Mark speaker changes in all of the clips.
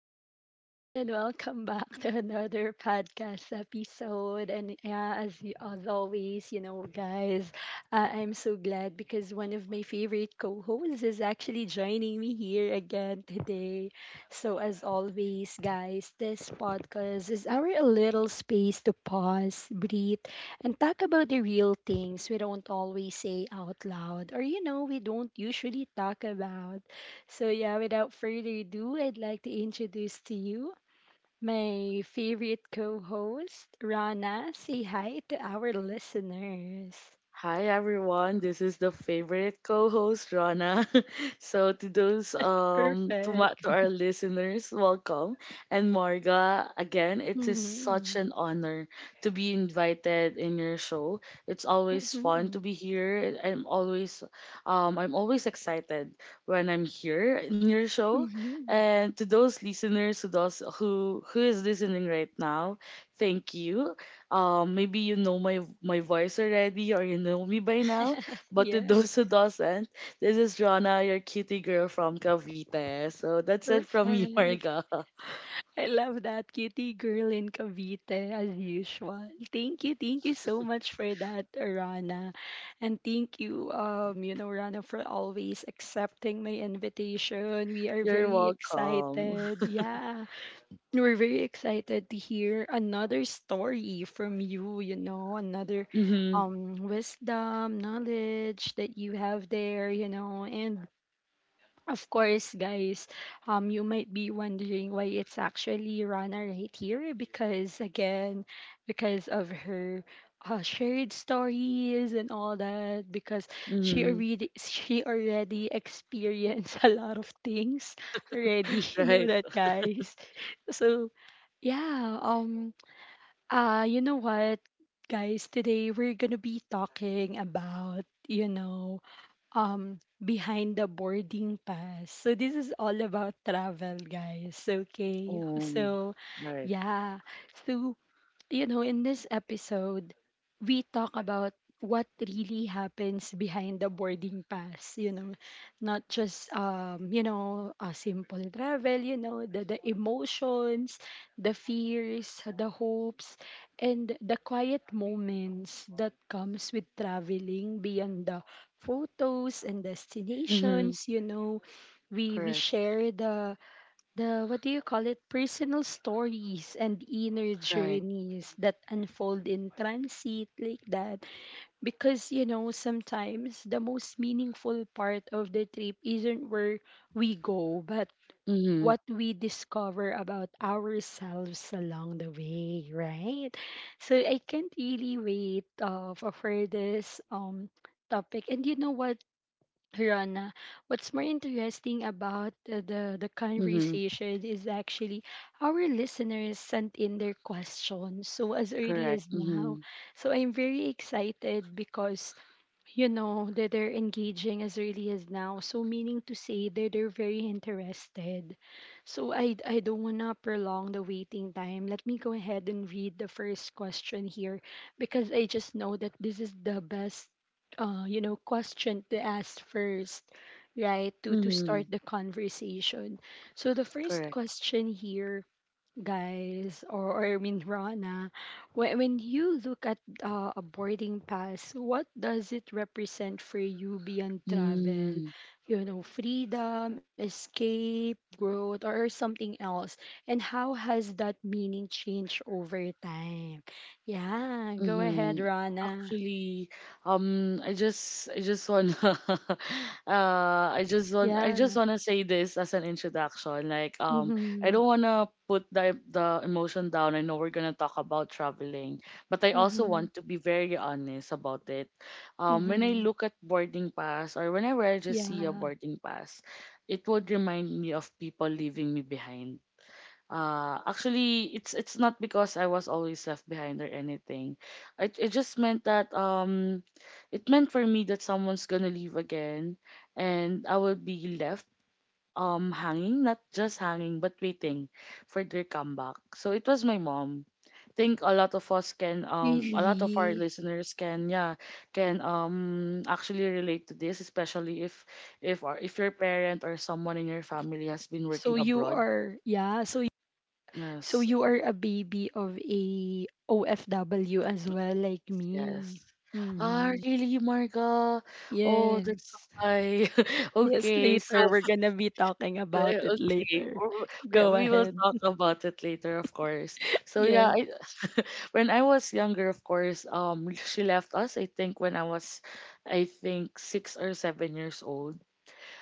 Speaker 1: people, and welcome back to another podcast episode. And as always, guys, I'm so glad because one of my favorite co hosts is actually joining me here again today. So, as always, guys, this podcast is our little space to pause, breathe, and talk about the real things we don't always say out loud or, you know, we don't usually talk about. So, yeah, without further ado, I'd like to introduce to you my favorite co host, Rana. Say hi to our listeners.
Speaker 2: Hi everyone, this is the favorite co-host Rana. so to those to my, to
Speaker 1: Perfect.
Speaker 2: our listeners, welcome. And Marga, again, it is such
Speaker 1: Mm-hmm.
Speaker 2: an honor to be invited in your show. It's always fun
Speaker 1: Mm-hmm.
Speaker 2: to be here. I'm always excited when I'm here in your show.
Speaker 1: Mm-hmm.
Speaker 2: And to those listeners who does who is listening right now, thank you. Maybe you know my voice already, or you know me by now. But to
Speaker 1: Yeah,
Speaker 2: those who doesn't, this is Rana, your cutie girl from Cavite. So that's it from me,
Speaker 1: perfect.
Speaker 2: Marga.
Speaker 1: I love that cutie girl in Cavite as usual. Thank you so much for that, Rana. And thank you, you know, Rana, for always accepting my invitation. We are
Speaker 2: You're
Speaker 1: very
Speaker 2: welcome.
Speaker 1: excited. Yeah. We're very excited to hear another story from you, you know, another
Speaker 2: Mhm.
Speaker 1: wisdom, knowledge that you have there, you know, and of course, guys, you might be wondering why it's actually Rana right here because, again, because of her shared stories and all that, because she
Speaker 2: Mhm.
Speaker 1: already she already experienced a lot of things already. You know
Speaker 2: Right.
Speaker 1: that, guys. So yeah, you know what, guys? Today we're gonna be talking about, you know, behind the boarding pass. So this is all about travel, guys. Okay.
Speaker 2: Oh.
Speaker 1: So
Speaker 2: Right.
Speaker 1: yeah. So you know, in this episode, we talk about what really happens behind the boarding pass, you know, not just you know, a simple travel, you know, the emotions, the fears, the hopes, and the quiet moments that comes with traveling beyond the photos and
Speaker 2: Mhm.
Speaker 1: destinations, you know. We
Speaker 2: Correct.
Speaker 1: share the what do you call it personal stories and inner
Speaker 2: Right.
Speaker 1: journeys that unfold in transit like that, because you know sometimes the most meaningful part of the trip isn't where we go but
Speaker 2: Mhm.
Speaker 1: what we discover about ourselves along the way, right? So I can't really wait for this topic. And you know what, Rana, what's more interesting about the the
Speaker 2: Mhm.
Speaker 1: conversation is actually our listeners sent in their questions. So as early
Speaker 2: Correct.
Speaker 1: as now,
Speaker 2: Mhm.
Speaker 1: so I'm very excited because you know that they're engaging as early as now, so meaning to say that they're very interested. So I don't want to prolong the waiting time. Let me go ahead and read the first question here because I just know that this is the best you know question to ask first, right, to start
Speaker 2: Mhm.
Speaker 1: the conversation. So the first
Speaker 2: Correct.
Speaker 1: question here, guys, or, or I mean Rana, when you look at a boarding pass, what does it represent for you beyond travel?
Speaker 2: Mm.
Speaker 1: You know, freedom, escape, growth, or something else? And how has that meaning changed over time? Yeah, go ahead,
Speaker 2: Mm-hmm.
Speaker 1: Rana.
Speaker 2: Actually, um, I just, I just wanna, uh, I just want, I just
Speaker 1: Yeah.
Speaker 2: wanna say this as an introduction. I
Speaker 1: Mm-hmm.
Speaker 2: don't wanna put the emotion down. I know we're gonna talk about traveling, but I also
Speaker 1: Mm-hmm.
Speaker 2: want to be very honest about it. When I
Speaker 1: Mm-hmm.
Speaker 2: look at boarding pass or whenever I just see a
Speaker 1: Yeah.
Speaker 2: boarding pass, it would remind me of people leaving me behind. Actually, it's not because I was always left behind or anything. It just meant that it meant for me that someone's gonna leave again, and I will be left hanging, not just hanging, but waiting for their comeback. So it was my mom. Think a lot of us can a lot of our
Speaker 1: Really.
Speaker 2: listeners can, yeah, can actually relate to this, especially if your parent or someone in your family has been
Speaker 1: So
Speaker 2: working
Speaker 1: you
Speaker 2: abroad.
Speaker 1: are, yeah, so
Speaker 2: Yes,
Speaker 1: you are a baby of a OFW as well, like me.
Speaker 2: yes. Ah,
Speaker 1: Mm-hmm.
Speaker 2: really, Marga? Oh, that's
Speaker 1: Yes.
Speaker 2: why.
Speaker 1: Yes,
Speaker 2: Okay,
Speaker 1: later.
Speaker 2: so
Speaker 1: We're gonna be talking about it
Speaker 2: okay,
Speaker 1: later.
Speaker 2: w- we
Speaker 1: Go
Speaker 2: we will
Speaker 1: ahead.
Speaker 2: talk about it later, of course. So
Speaker 1: Yes.
Speaker 2: when I was younger, of course, she left us. I think when I was, I think 6 or 7 years old.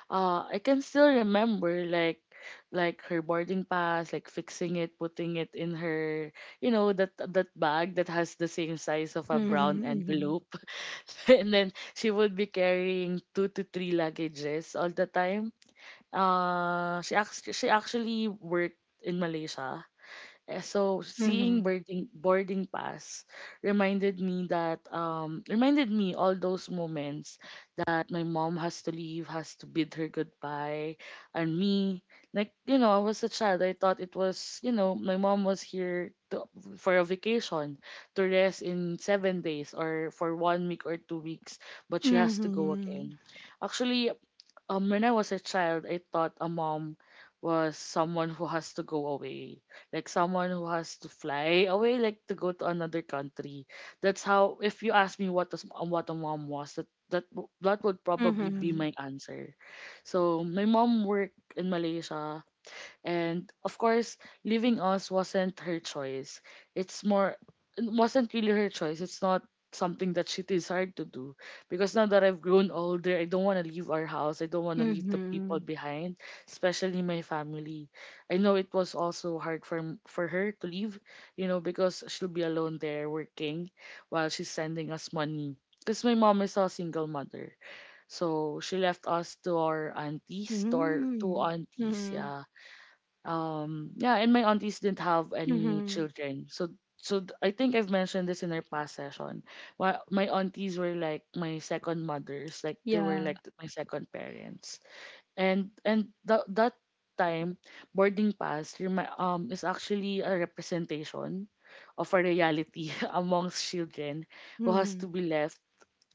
Speaker 2: I can still remember like her boarding pass, like fixing it, putting it in her, you know, that bag that has the same size of a brown
Speaker 1: Mm-hmm.
Speaker 2: envelope. And then she would be carrying two to three luggages all the time. She actually worked in Malaysia. Eh, so seeing
Speaker 1: Mm-hmm.
Speaker 2: boarding pass reminded me that reminded me all those moments that my mom has to leave, has to bid her goodbye, and me, like, you know, I was a child. I thought it was, you know, my mom was here to, for a vacation to rest in 7 days or for one week or 2 weeks, but she has to go
Speaker 1: Mm-hmm.
Speaker 2: again. Actually, when I was a child, I thought a mom was someone who has to go away, like someone who has to fly away, like to go to another country. That's how. If you ask me what does what a mom was, that would probably be
Speaker 1: Mm-hmm.
Speaker 2: my answer. So my mom worked in Malaysia and of course, leaving us wasn't her choice. It's more, it wasn't really her choice. It's not something that she desired to do. Because now that I've grown older, I don't want to leave our house. I don't want to leave
Speaker 1: Mm-hmm.
Speaker 2: the people
Speaker 1: Mm-hmm.
Speaker 2: behind, especially my family. I know it was also hard for for her to leave, you know, because she'll be alone there working while she's sending us money. Because my mom is a single mother. So she left us to our aunties, to our two
Speaker 1: Mm-hmm.
Speaker 2: aunties,
Speaker 1: Mm-hmm.
Speaker 2: yeah. Yeah, and my aunties didn't have any
Speaker 1: Mm-hmm.
Speaker 2: children. I think I've mentioned this in our past session. Why my aunties were like my second mothers, like they were
Speaker 1: Yeah.
Speaker 2: like my second parents. And that time boarding pass is actually a representation of a reality amongst children who has to
Speaker 1: Mm-hmm.
Speaker 2: be left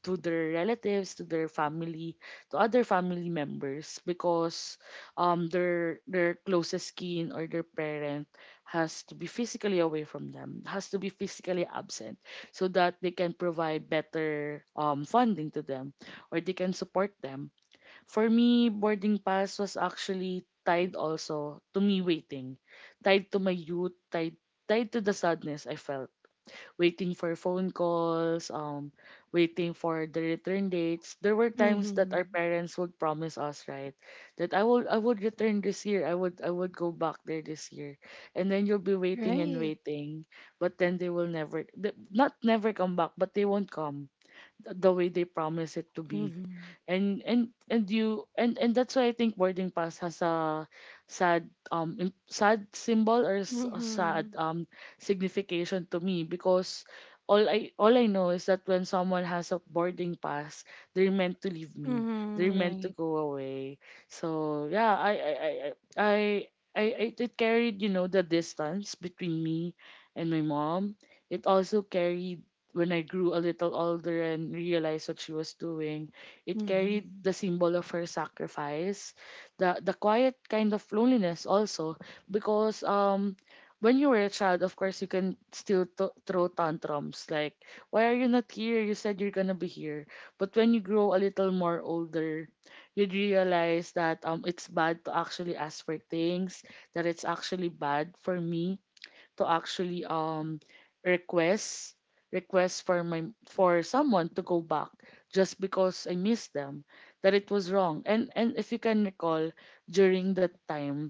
Speaker 2: to their relatives, to their family, to other family members because their closest kin or their parent has to be physically away from them, has to be physically absent so that they can provide better funding to them or they can support them. For me, boarding pass was actually tied also to me waiting, tied to my youth, tied to the sadness I felt waiting for phone calls, waiting for the return dates. There were times that
Speaker 1: Mm-hmm.
Speaker 2: our parents would promise us, right, that I will I would return this year. I would go back there this year, and then you'll be waiting and
Speaker 1: Right.
Speaker 2: waiting, but then they will never, th- not never come back, but they won't come the way they promise it to be.
Speaker 1: Mm-hmm.
Speaker 2: And and and you and and that's why I think boarding pass has a sad symbol or a
Speaker 1: Mm-hmm.
Speaker 2: sad signification to me because all I know is that when someone has a boarding pass, they're meant to leave me. They're
Speaker 1: Mm-hmm.
Speaker 2: meant to
Speaker 1: Right.
Speaker 2: go away. So yeah, I, I I- it carried, you know, the distance between me and my mom. It also carried, when I grew a little older and realized what she was doing, it carried
Speaker 1: Mm-hmm.
Speaker 2: the symbol of her sacrifice, the quiet kind of loneliness also, because when you were a child, of course, you can still throw tantrums like, "Why are you not here? You said you're gonna be here." But when you grow a little more older, you'd realize that it's bad to actually ask for things, that it's actually bad for me to actually request request for my for someone to go back just because I miss them, that it was wrong. And if you can recall, during that time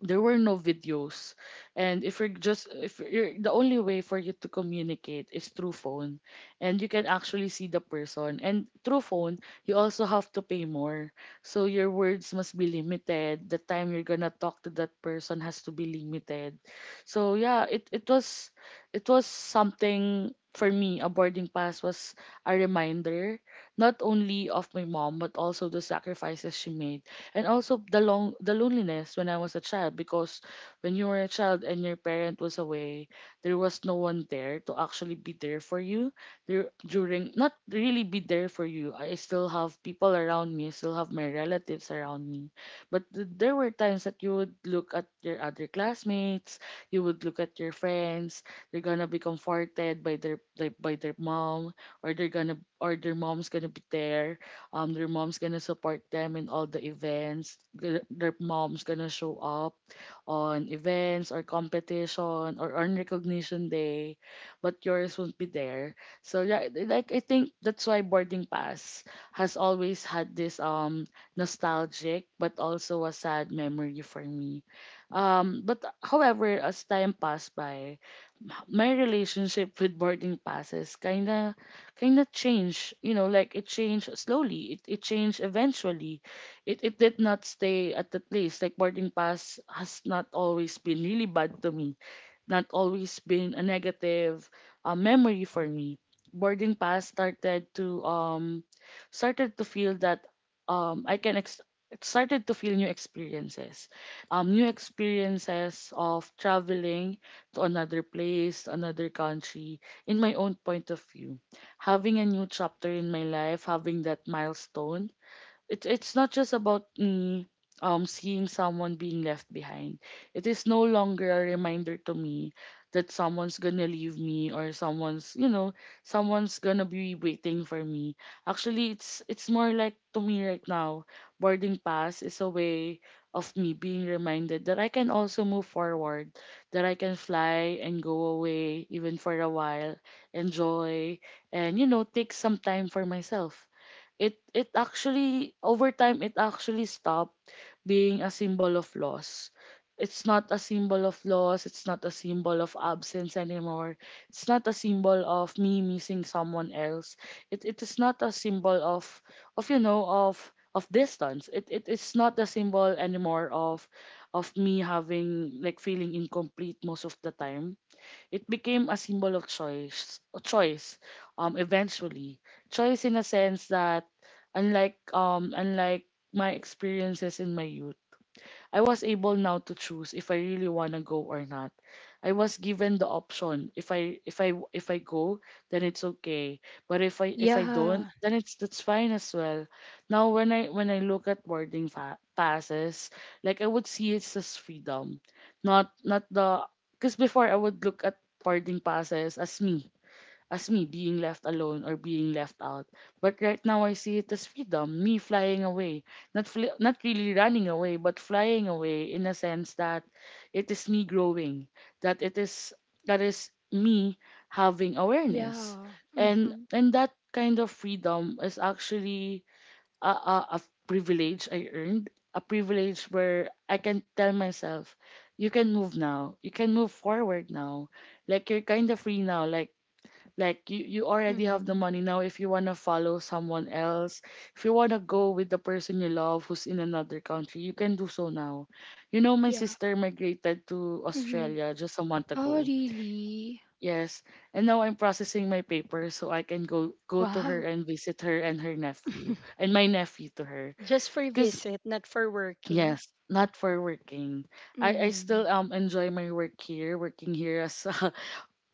Speaker 2: there were no videos, and if you're, the only way for you to communicate is through phone, and you can actually see the person, and through phone you also have to pay more, so your words must be limited, the time you're gonna talk to that person has to be limited. So yeah, it was something for me, a boarding pass was a reminder not only of my mom but also the sacrifices she made, and also the loneliness when I was a child, because when you were a child and your parent was away, there was no one there to actually be there for you there during not really be there for you. I still have people around me, I still have my relatives around me, but there were times that you would look at your other classmates, you would look at your friends. They're gonna be comforted by by their mom, or they're gonna or their mom's gonna be there, their mom's gonna support them in all the events, their mom's gonna show up on events or competition or on recognition day, but yours won't be there. So yeah, I think that's why boarding pass has always had this nostalgic but also a sad memory for me. But however, as time passed by, my relationship with boarding passes kinda changed. You know, like it changed slowly. It changed eventually. It did not stay at the place. Like boarding pass has not always been really bad to me, not always been a negative memory for me. Boarding pass started to feel that um I can ex- it started to feel new experiences of traveling to another place, another country, in my own point of view, having a new chapter in my life, having that milestone. It's not just about me seeing someone being left behind. It is no longer a reminder to me that someone's gonna leave me or someone's, you know, someone's gonna be waiting for me. Actually, it's more like, to me right now, boarding pass is a way of me being reminded that I can also move forward, that I can fly and go away even for a while, enjoy, and you know, take some time for myself. It actually Over time it actually stopped being a symbol of loss. It's not a symbol of loss, it's not a symbol of absence anymore, it's not a symbol of me missing someone else, it is not a symbol of, of you know of of distance, it is not a symbol anymore of me having, like, feeling incomplete most of the time. It became a symbol of choice, a choice, eventually. Choice in a sense that, unlike my experiences in my youth, I was able now to choose if I really want to go or not. I was given the option. If I go, then it's okay. But if I don't,
Speaker 1: Yeah.
Speaker 2: then it's that's fine as well. Now when I look at boarding passes, like I would see it's as freedom, not not the because before I would look at boarding passes as me being left alone or being left out. But right now I see it as freedom, me flying away, not really running away, but flying away in a sense that it is me growing, that it is that is me having awareness,
Speaker 1: Yeah.
Speaker 2: and
Speaker 1: Mm-hmm.
Speaker 2: that kind of freedom is actually a privilege I earned, a privilege where I can tell myself, you can move now, you can move forward now, like you're kind of free now, like you already have the
Speaker 1: Mm-hmm.
Speaker 2: money now. If you wanna follow someone else, if you wanna go with the person you love who's in another country, you can do so now. You know, my
Speaker 1: Yeah.
Speaker 2: sister migrated to
Speaker 1: Mm-hmm.
Speaker 2: Australia just a month
Speaker 1: Oh,
Speaker 2: ago.
Speaker 1: really?
Speaker 2: Yes, and now I'm processing my papers so I can go to her
Speaker 1: Wow.
Speaker 2: and visit her and her nephew and my nephew to her.
Speaker 1: Just for
Speaker 2: Cause
Speaker 1: visit, not for working.
Speaker 2: yes, not for working. I
Speaker 1: Mm-hmm.
Speaker 2: still enjoy my work here, working here as a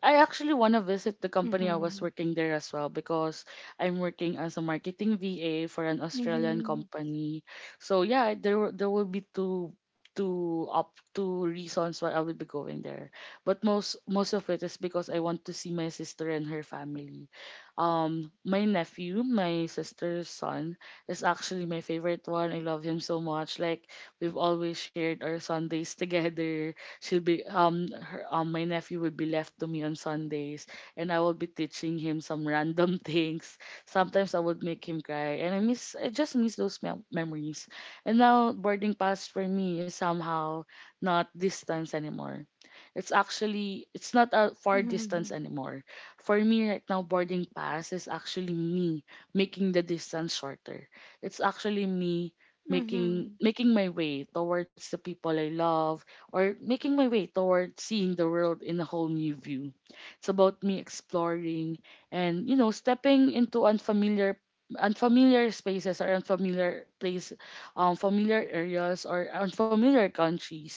Speaker 2: I actually want to visit the company I was
Speaker 1: Mm-hmm.
Speaker 2: working there as well, because I'm working as a marketing VA for an Australian
Speaker 1: Mm-hmm.
Speaker 2: company. So yeah, there will be two reasons why I will be going there. But most of it is because I want to see my sister and her family. My nephew, my sister's son is actually my favorite one. I love him so much. Like we've always shared our Sundays together. She'll be her my nephew would be left to me on Sundays, and I will be teaching him some random things. Sometimes I would make him cry, and I just miss those memories. And now boarding pass for me is somehow not distance anymore. It's not a far
Speaker 1: Mm-hmm.
Speaker 2: distance anymore. For me right now, boarding pass is actually me making the distance shorter. It's actually me making
Speaker 1: Mm-hmm.
Speaker 2: making my way towards the people I love, or making my way toward seeing the world in a whole new view. It's about me exploring and, you know, stepping into unfamiliar spaces or unfamiliar place, familiar areas or unfamiliar countries,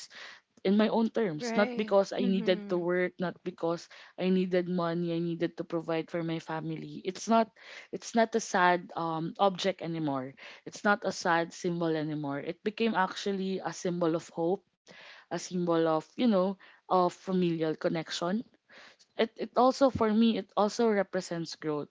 Speaker 2: in my own terms, not
Speaker 1: Right.
Speaker 2: because I needed to
Speaker 1: Mm-hmm.
Speaker 2: work, not because I needed money, I needed to provide for my family. It's not, it's not a sad object anymore. It's not a sad symbol anymore. It became actually a symbol of hope, a symbol of, you know, of familial connection. It also, for me, it also represents growth.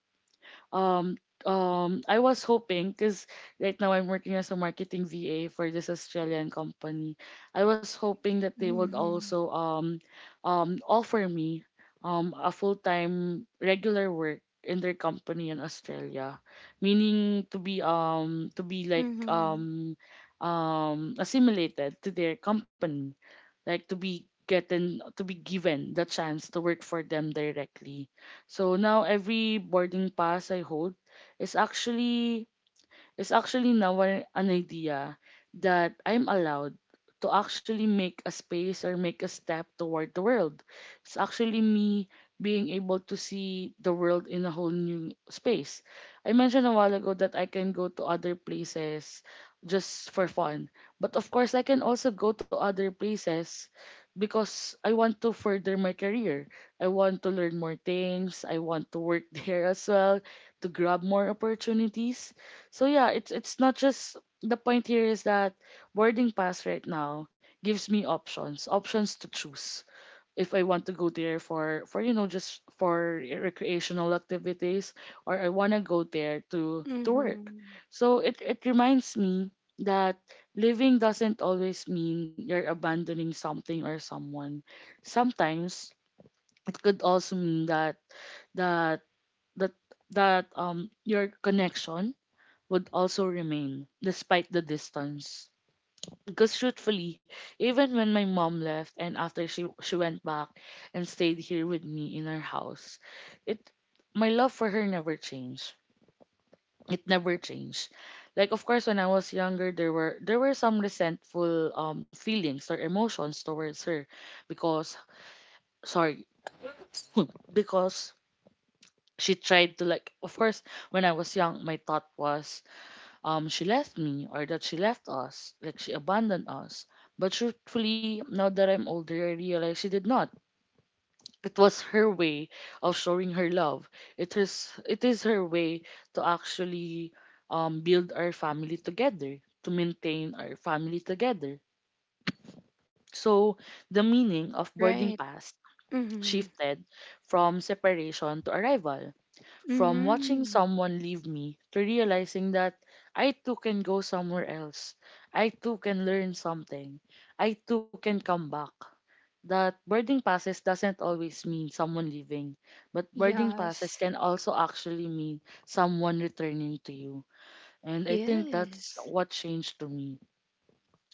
Speaker 2: um I was hoping because right now I'm working as a marketing VA for this Australian company. I was hoping that they would
Speaker 1: Mm-hmm.
Speaker 2: also offer me a full-time regular work in their company in Australia, meaning to be like
Speaker 1: Mm-hmm.
Speaker 2: assimilated to their company, like to be given the chance to work for them directly. So now every boarding pass I hold is actually, now an idea that I'm allowed to actually make a space or make a step toward the world. It's actually me being able to see the world in a whole new space. I mentioned a while ago that I can go to other places just for fun. But of course, I can also go to other places because I want to further my career. I want to learn more things. I want to work there as well to grab more opportunities. So yeah, it's not just, the point here is that boarding pass right now gives me options, options to choose if I want to go there for, for just for recreational activities, or I want to go there to work.
Speaker 1: Mm-hmm.
Speaker 2: So it reminds me that living doesn't always mean you're abandoning something or someone. Sometimes it could also mean that that that that your connection would also remain, despite the distance. Because truthfully, even when my mom left and after she went back and stayed here with me in her house. It My love for her never changed. It never changed. Like, of course, when I was younger there were, there were some resentful feelings or emotions towards her, because sorry, because she tried to, like, of course, when I was young my thought was, she left me, or that she left us, like she abandoned us. But truthfully, now that I'm older, I realize she did not. It was her way of showing her love. It is her way to actually build our family together, to maintain our family together. So the meaning of boarding
Speaker 1: Right.
Speaker 2: pass
Speaker 1: Mm-hmm.
Speaker 2: shifted from separation to arrival, from watching
Speaker 1: Mm-hmm.
Speaker 2: someone leave me to realizing that I too can go somewhere else. I too can learn something. I too can come back. That boarding passes doesn't always mean someone leaving, but boarding passes
Speaker 1: Yes.
Speaker 2: can also actually mean someone returning to you. And I think that's
Speaker 1: Yes.
Speaker 2: what changed to me.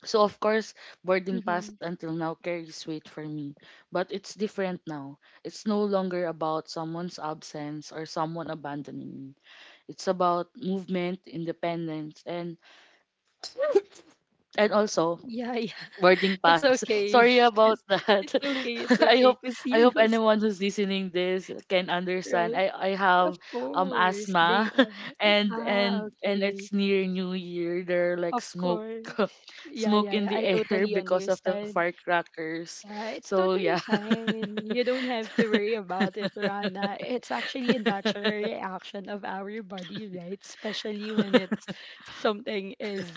Speaker 2: So, of course, boarding pass
Speaker 1: Mm-hmm.
Speaker 2: until now carries weight for me, but it's different now. It's no longer about someone's absence or someone abandoning me. It's about movement, independence, and and also
Speaker 1: Yeah, yeah.
Speaker 2: boarding
Speaker 1: It's
Speaker 2: pass.
Speaker 1: okay.
Speaker 2: Sorry about that.
Speaker 1: It's okay. It's
Speaker 2: I hope
Speaker 1: okay. Because,
Speaker 2: I hope anyone who's listening this can understand.
Speaker 1: right?
Speaker 2: I
Speaker 1: Of
Speaker 2: have
Speaker 1: course. They
Speaker 2: asthma,
Speaker 1: are.
Speaker 2: and
Speaker 1: Ah,
Speaker 2: and and
Speaker 1: okay.
Speaker 2: it's near New Year. There are like
Speaker 1: Of
Speaker 2: smoke
Speaker 1: course. Yeah,
Speaker 2: smoke
Speaker 1: yeah,
Speaker 2: in
Speaker 1: yeah.
Speaker 2: the
Speaker 1: I
Speaker 2: air
Speaker 1: totally
Speaker 2: because of the
Speaker 1: understand.
Speaker 2: firecrackers.
Speaker 1: Yeah, it's
Speaker 2: So yeah.
Speaker 1: totally fine. You don't have to worry about it, Rana. It's actually a natural reaction of our body, right? Especially when it's something is,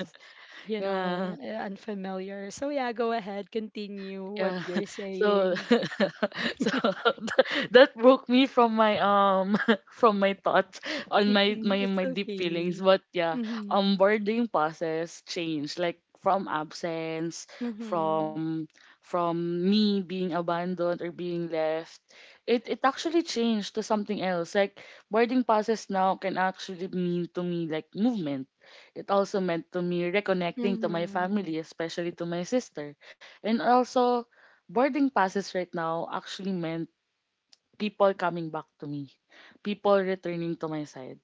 Speaker 1: you know,
Speaker 2: yeah.
Speaker 1: unfamiliar. So yeah, go ahead, continue what
Speaker 2: Yeah.
Speaker 1: you're
Speaker 2: So
Speaker 1: saying.
Speaker 2: so that broke me from my from my thoughts on my
Speaker 1: Hmm,
Speaker 2: my
Speaker 1: it's
Speaker 2: my deep feelings.
Speaker 1: okay.
Speaker 2: But yeah,
Speaker 1: Mm-hmm.
Speaker 2: boarding passes changed, like, from absence,
Speaker 1: Mm-hmm.
Speaker 2: from from me being abandoned or being left. It actually changed to something else. Like boarding passes now can actually mean to me like movement. It also meant to me reconnecting to my
Speaker 1: Mm-hmm.
Speaker 2: family, especially to my sister, and also boarding passes right now actually meant people coming back to me, people returning to my side.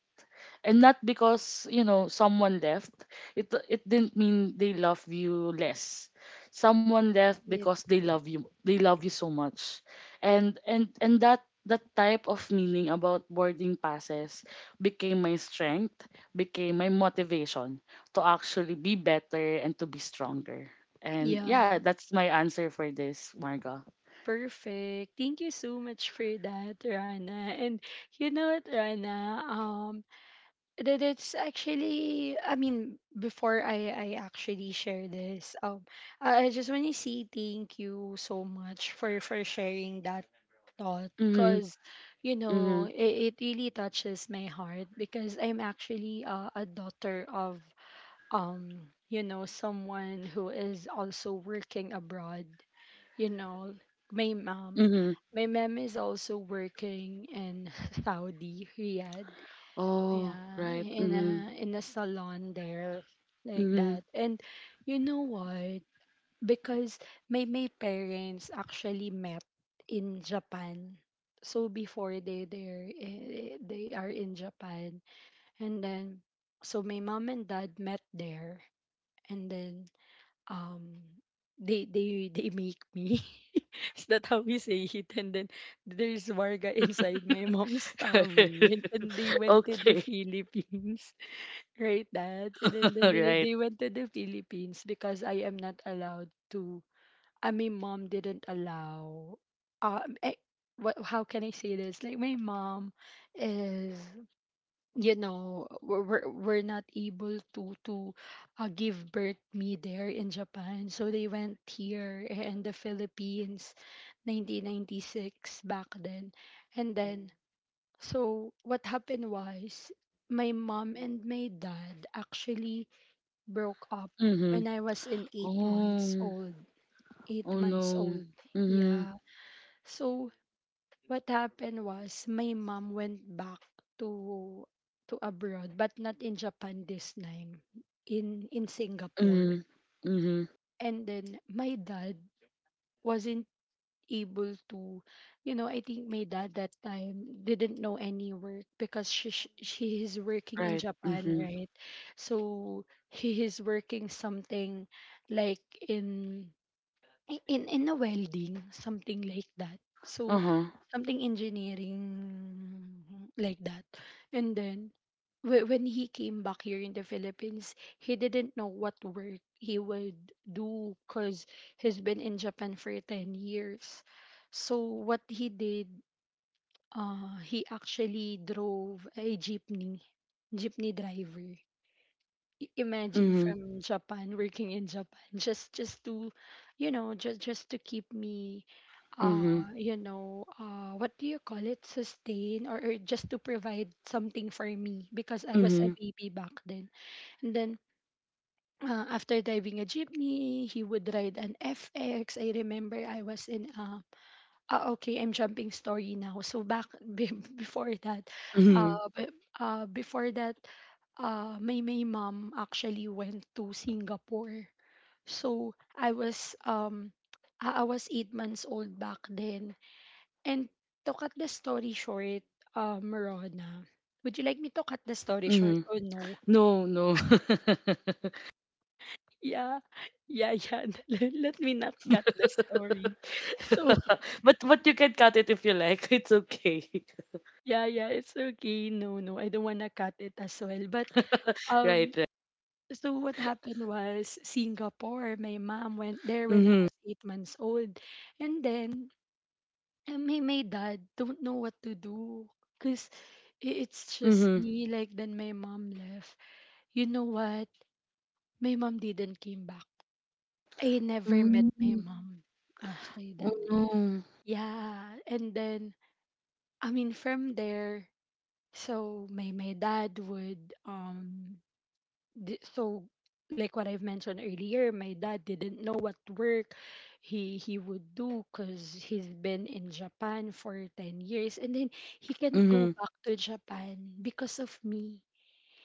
Speaker 2: And not because, you know, someone left. It didn't mean they love you less. Someone left because they love you. They love you so much. And and that type of meaning about boarding passes became my strength, became my motivation to actually be better and to be stronger. And yeah,
Speaker 1: Yeah.
Speaker 2: that's my answer for this, Marga.
Speaker 1: Perfect. Thank you so much for that, Rana. And you know what, Rana? That it's actually, I mean, before I actually share this, I just want to say thank you so much for sharing that thought
Speaker 2: Mhm,
Speaker 1: because, you know,
Speaker 2: mhm,
Speaker 1: it really touches my heart because I'm actually a daughter of you know someone who is also working abroad, you know, my mom.
Speaker 2: mhm.
Speaker 1: My mom is also working in Saudi Riyadh,
Speaker 2: Oh,
Speaker 1: yeah,
Speaker 2: right.
Speaker 1: in
Speaker 2: Mhm,
Speaker 1: a salon there like
Speaker 2: mhm.
Speaker 1: that. And you know what, because my parents actually met in Japan. So before they there they are in Japan, and then so my mom and dad met there. And then um they make me is that how we say it? And then there's Warga inside my mom's tummy, and then they went to the
Speaker 2: Okay.
Speaker 1: Philippines. Right, Dad? And then, then they,
Speaker 2: Right.
Speaker 1: they went to the Philippines because I am not allowed to, I mean Mom didn't allow, um eh, what, how can I say this, like my mom is, you know, we're not able to give birth me there in Japan, so they went here in the Philippines, 1996 back then. And then, Mm. So what happened was my mom and my dad actually broke up
Speaker 2: Mhm.
Speaker 1: when I was in 8 months
Speaker 2: Oh,
Speaker 1: old, 8
Speaker 2: oh
Speaker 1: months
Speaker 2: no.
Speaker 1: old.
Speaker 2: Mhm,
Speaker 1: Yeah, so what happened was my mom went back to abroad, but not in Japan this time, in Singapore.
Speaker 2: mhm, mhm.
Speaker 1: And then my dad wasn't able to, you know, I think my dad that time didn't know any work because she is working in
Speaker 2: Right.
Speaker 1: Japan,
Speaker 2: Mhm.
Speaker 1: right? So he is working something like in in a welding, something like that, so
Speaker 2: Uh-huh.
Speaker 1: something engineering like that. And then when he came back here in the Philippines, he didn't know what work he would do because he's been in Japan for 10 years. So what he did, he actually drove a jeepney, jeepney driver. I- imagine,
Speaker 2: Mhm,
Speaker 1: from Japan, working in Japan, just to, you know, just to keep me, uh,
Speaker 2: mhm,
Speaker 1: you know, what do you call it, sustain, or just to provide something for me because I was a
Speaker 2: mhm,
Speaker 1: baby back then. And then after driving a jeepney, he would ride an FX. I remember I was in okay, I'm jumping story now. So back be- before that,
Speaker 2: mhm,
Speaker 1: uh, be- before that, my my mom actually went to Singapore. So I was I was 8 months old back then. And to cut the story short, Rona, would you like me to cut the story short
Speaker 2: mhm.
Speaker 1: or no?
Speaker 2: No, no.
Speaker 1: Yeah, yeah. Let me not cut the story. So
Speaker 2: But you can cut it if you like. It's okay.
Speaker 1: yeah, yeah, it's okay. No, no, I don't wanna cut it as well. But um,
Speaker 2: Right, right.
Speaker 1: so what happened was Singapore. My mom went there when I
Speaker 2: Mhm,
Speaker 1: was 8 months old, and then my dad don't know what to do, cause it's just
Speaker 2: mhm.
Speaker 1: me. Like then my mom left. You know what? My mom didn't came back. I never met my
Speaker 2: Mm.
Speaker 1: mom after
Speaker 2: Oh
Speaker 1: that.
Speaker 2: no.
Speaker 1: Yeah, and then I mean, from there, so my dad would so like what I've mentioned earlier, my dad didn't know what work he would do because he's been in Japan for 10 years, and then he can't go
Speaker 2: Mhm.
Speaker 1: back to Japan because of me.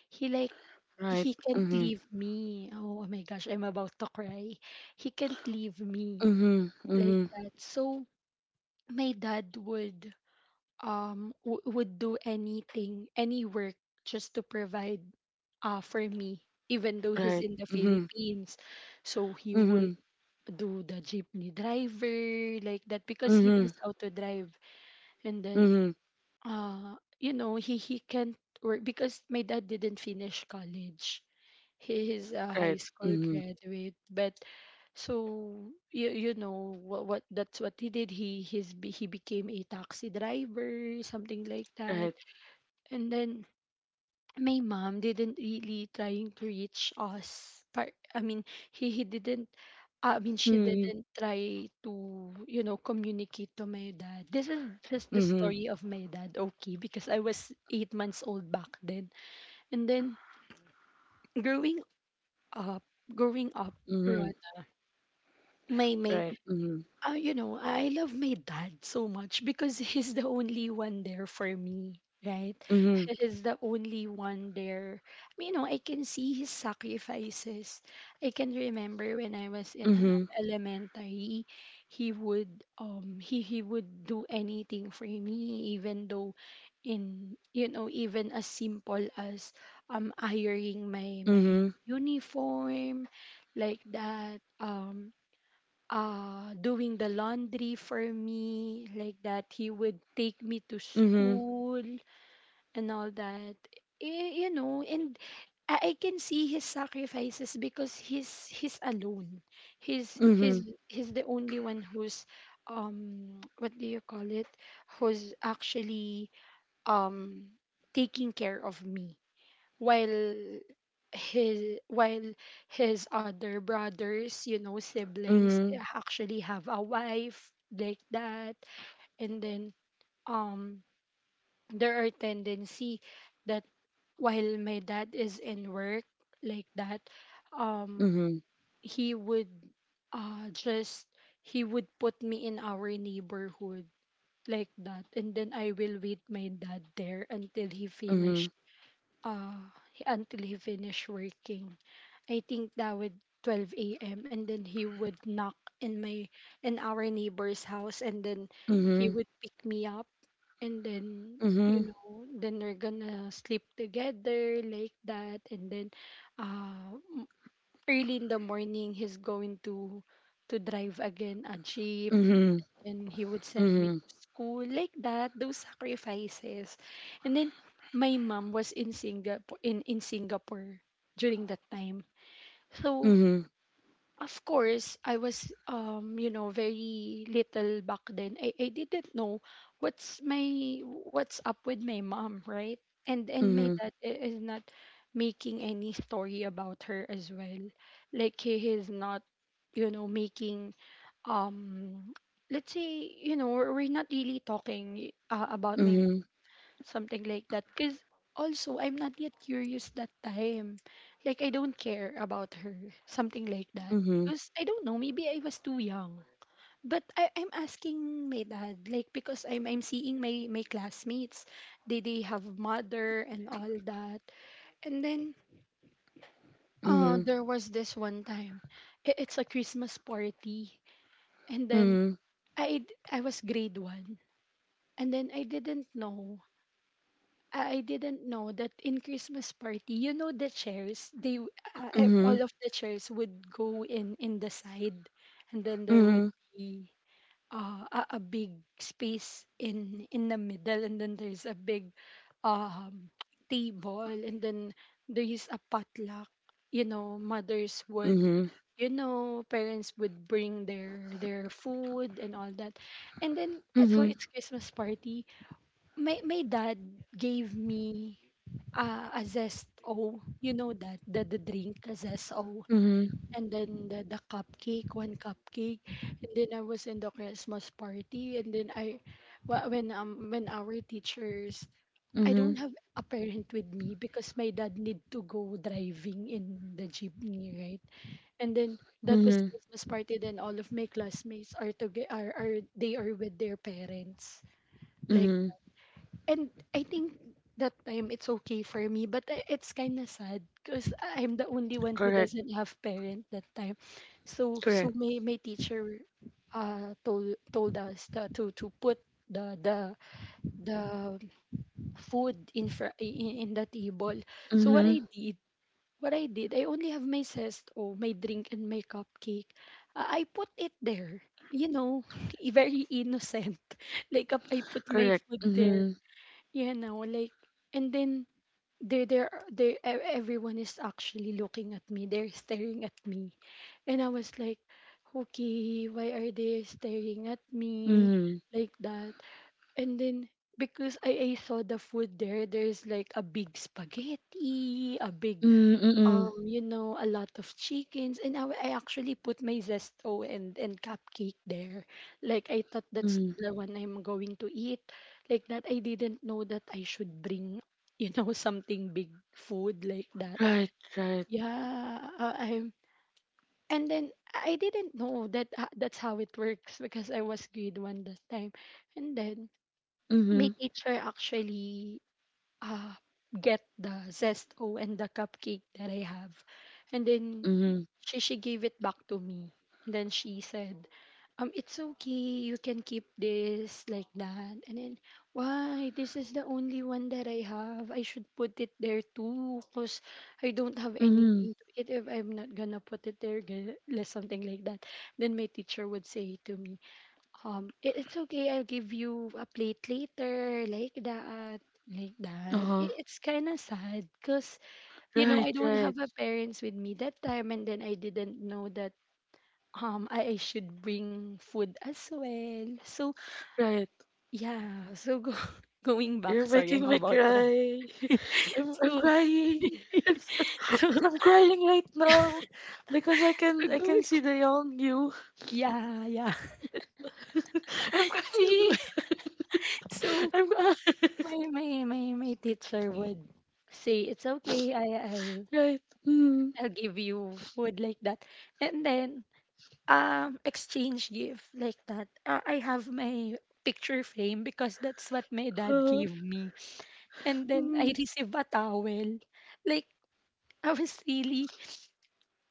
Speaker 1: He like
Speaker 2: Right.
Speaker 1: he can't
Speaker 2: Mhm.
Speaker 1: leave me. Oh, oh my gosh, I'm about to cry. He can't leave me
Speaker 2: Mhm. Mhm.
Speaker 1: like that. So my dad would would do anything, any work just to provide for me, even though he's
Speaker 2: Right.
Speaker 1: in the
Speaker 2: Mhm.
Speaker 1: Philippines. So he would
Speaker 2: Mhm.
Speaker 1: do the jeepney driver like that because he
Speaker 2: Mhm.
Speaker 1: knows how to drive. And then
Speaker 2: Mhm.
Speaker 1: you know he can't work because my dad didn't finish college. He is a high
Speaker 2: Right.
Speaker 1: school
Speaker 2: Mhm.
Speaker 1: graduate, but so you know what that's what he did. He became a taxi driver, something like that.
Speaker 2: Right.
Speaker 1: And then my mom didn't really trying to reach us I mean he didn't, I mean she
Speaker 2: Mhm.
Speaker 1: didn't try to, you know, communicate to my dad. This is just the
Speaker 2: Mhm.
Speaker 1: story of my dad, okay, because I was 8 months old back then. And then growing up growing up,
Speaker 2: Mhm.
Speaker 1: Rana, my
Speaker 2: Right. Mhm.
Speaker 1: You know, I love my dad so much because he's the only one there for me, right?
Speaker 2: Mhm.
Speaker 1: He's the only one there. I mean, you know, I can see his sacrifices. I can remember when I was in
Speaker 2: Mhm.
Speaker 1: elementary, he would he would do anything for me, even though in, you know, even as simple as ironing my
Speaker 2: Mhm.
Speaker 1: uniform like that, doing the laundry for me like that, he would take me to
Speaker 2: Mhm.
Speaker 1: school and all that. Eh, you know, and I can see his sacrifices because he's alone, he's Mhm. he's the only one who's what do you call it who's actually um taking care of me while his while his other brothers siblings
Speaker 2: Mhm.
Speaker 1: actually have a wife like that. And then um there are tendency that while my dad is in work like that um
Speaker 2: Mhm.
Speaker 1: he would uh just he would put me in our neighborhood like that, and then I will wait my dad there
Speaker 2: Mhm.
Speaker 1: uh until he finished working. I think that would 12 a.m., and then he would knock in my in our neighbor's house, and then he
Speaker 2: Mhm.
Speaker 1: would pick me up, and then
Speaker 2: Mhm.
Speaker 1: then we're gonna sleep together like that. And then uh m- early in the morning he's going to drive again a jeep,
Speaker 2: Mhm.
Speaker 1: and he would send me
Speaker 2: Mhm.
Speaker 1: to school like that. Those sacrifices. And then my mom was in Singapore, during that time. So
Speaker 2: Mhm.
Speaker 1: of course, I was very little back then. I didn't know what's up with my mom, right? And my
Speaker 2: Mhm.
Speaker 1: dad is not making any story about her as well. Like he is not, making, um let's say, we're not really talking about my mom,
Speaker 2: Mhm.
Speaker 1: something like that. Because. Also, I'm not yet curious that time. Like, I don't care about her. Something like that.
Speaker 2: Mhm.
Speaker 1: Because I don't know, maybe I was too young. But I'm asking my dad, like, because I'm seeing my classmates. They have mother and all that. And then, there was this one time. It's a Christmas party. And then,
Speaker 2: Mhm.
Speaker 1: I, I was grade one. And then I didn't know that in Christmas party, you know the chairs, all
Speaker 2: Mhm.
Speaker 1: of the chairs would go in the side, and then
Speaker 2: Mhm.
Speaker 1: there would
Speaker 2: Mhm.
Speaker 1: be, a big space in the middle, and then there's a big um table, and then there is a potluck. You know,
Speaker 2: Mhm. Mhm. Mhm.
Speaker 1: parents would bring their food and all that, and then so
Speaker 2: Mhm.
Speaker 1: it's Christmas party. My dad gave me, a zest o, you know, that the drink, a zest o, and then the cupcake, one cupcake. And then I was in the Christmas party, and then I wh- when our teachers I
Speaker 2: Mhm.
Speaker 1: don't have a parent with me because my dad need to go driving in the jeepney, right? And then that was
Speaker 2: Mhm.
Speaker 1: Christmas party, then all of my classmates are together, are they are with their parents, like.
Speaker 2: Mhm.
Speaker 1: And I think that time it's okay for me, but it's kind of sad because I'm the only one who
Speaker 2: Correct.
Speaker 1: doesn't have parent that time. So
Speaker 2: Correct.
Speaker 1: my teacher, told us to to put the the the food in, fr- in the table. So what
Speaker 2: Mhm.
Speaker 1: I did. What I did, I only have my cesto, my drink, and my cupcake. I put it there, you know, very innocent. Like, I put my
Speaker 2: Correct.
Speaker 1: food there.
Speaker 2: Mhm.
Speaker 1: Like, and then they there they e- everyone is actually looking at me. They're staring at me, and I was like, okay, why are they staring at me
Speaker 2: Mhm.
Speaker 1: like that? And then because I saw the food there, there's like a big spaghetti, a big,
Speaker 2: Mm, mm-mm.
Speaker 1: a lot of chickens, and I actually put my zesto and cupcake there. Like I thought that's
Speaker 2: Mm.
Speaker 1: the one I'm going to eat. Like that, I didn't know that I should bring, something big food like that.
Speaker 2: Right. Right.
Speaker 1: Yeah, I and then I didn't know that, that's how it works because I was grade one that time. And then my
Speaker 2: Mhm.
Speaker 1: teacher actually, uh, get the zesto and the cupcake that I have. And then
Speaker 2: Mhm.
Speaker 1: she gave it back to me. And then she said, it's okay, you can keep this like that. And then, why? This is the only one that I have. I should put it there too, cause I don't have
Speaker 2: Mhm.
Speaker 1: anything to eat if I'm not gonna put it there, like something like that. Then my teacher would say to me, it's okay, I'll give you a plate later like that. Like that,
Speaker 2: Uh-huh.
Speaker 1: it's kind of sad because you know
Speaker 2: Right.
Speaker 1: I don't
Speaker 2: Right.
Speaker 1: have a parents with me that time, and then I didn't know that, I should bring food as well. So
Speaker 2: Right.
Speaker 1: yeah, going back,
Speaker 2: You're
Speaker 1: sorry
Speaker 2: making
Speaker 1: I'm
Speaker 2: me
Speaker 1: about to rant.
Speaker 2: cry. I'm
Speaker 1: so
Speaker 2: crying. I'm, so-
Speaker 1: so, so
Speaker 2: I'm crying right now because I
Speaker 1: go,
Speaker 2: can see the young you.
Speaker 1: yeah, yeah.
Speaker 2: I'm
Speaker 1: so
Speaker 2: crying.
Speaker 1: so
Speaker 2: I'm crying.
Speaker 1: my my my my teacher would say, it's okay,
Speaker 2: right. Mm.
Speaker 1: I'll give you food like that. And then, exchange gift like that. I have my picture frame because that's what my dad
Speaker 2: Uh,
Speaker 1: gave me. And then I
Speaker 2: mm.
Speaker 1: received a towel. Like, I was really,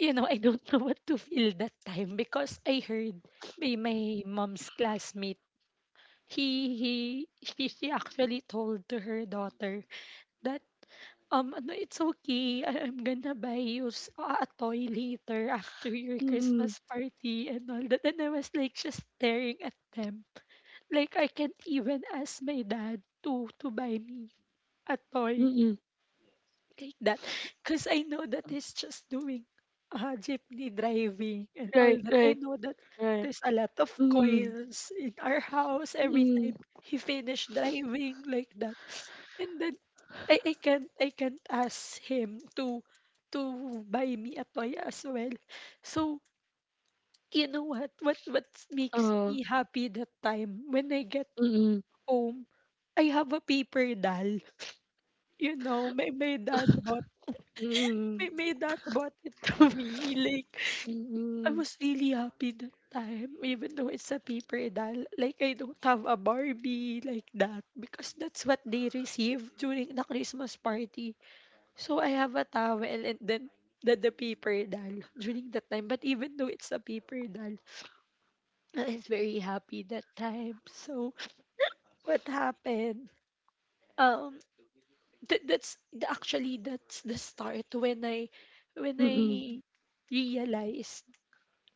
Speaker 1: I don't know what to feel that time because I heard by my mom's classmate. He she actually told to her daughter that, ano it's okay, I'm gonna buy you, a toy later after your
Speaker 2: Mm.
Speaker 1: Christmas party and all that, and I was like just staring at them, like I can't even ask my dad to buy me a toy
Speaker 2: Mm-mm.
Speaker 1: like that because I know that he's just doing, jeepney driving and all
Speaker 2: Right.
Speaker 1: that. I
Speaker 2: Right.
Speaker 1: know that
Speaker 2: Right.
Speaker 1: there's a lot of
Speaker 2: Mm.
Speaker 1: coils in our house every time
Speaker 2: Mm.
Speaker 1: he finished driving like that. And then I can't ask him to buy me a toy as well. So you know what, what makes
Speaker 2: Oo,
Speaker 1: me happy that time when I get
Speaker 2: mm,
Speaker 1: home. I have a paper doll. You know, my, my dad bought
Speaker 2: mm,
Speaker 1: My my dad bought it to me. Like, I
Speaker 2: mm,
Speaker 1: was really happy that time, even though it's a paper doll. Like, I don't have a Barbie like that because that's what they receive during the Christmas party. So, I have a towel, and then the paper doll during that time. But even though it's a paper doll, I was very happy that time. So, what happened? um actually that's the start when
Speaker 2: mm,
Speaker 1: I realized,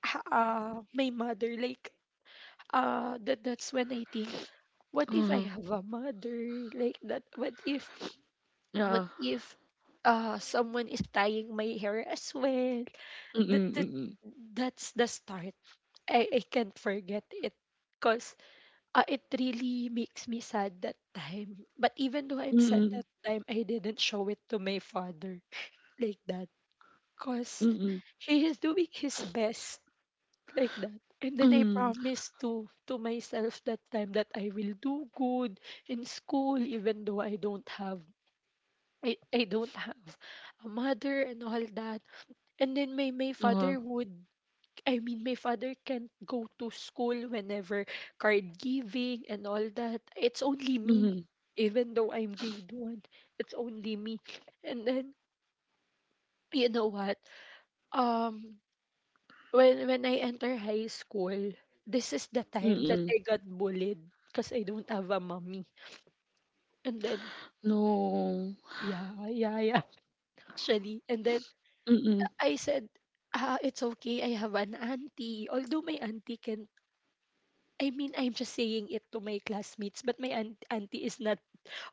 Speaker 1: my mother, like, that's when I think, what if I
Speaker 2: oo,
Speaker 1: have a mother like that? What if,
Speaker 2: oo,
Speaker 1: what if someone is tying my hair as well?
Speaker 2: mm,
Speaker 1: that, that
Speaker 2: mm,
Speaker 1: that's the start. I can't forget it because, it really makes me sad that time. But even though I'm sad
Speaker 2: mm,
Speaker 1: that time, I didn't show it to my father like that. Because
Speaker 2: mm,
Speaker 1: he is doing his best like that. And then I
Speaker 2: mm,
Speaker 1: promised to myself that time that I will do good in school even though I don't have a mother and all that. And then my
Speaker 2: oo,
Speaker 1: father would, my father can't go to school whenever card giving and all that. It's only me.
Speaker 2: mhm,
Speaker 1: Even though I'm grade one, it's only me. And then, you know what? Um, when I enter high school, this is the time that
Speaker 2: mm,
Speaker 1: I got bullied because I don't have a mommy. And then,
Speaker 2: no,
Speaker 1: yeah, yeah, yeah, actually. And then
Speaker 2: mm,
Speaker 1: I said, ah, it's okay. I have an auntie. Although my auntie can I mean, I'm just saying it to my classmates, but auntie is not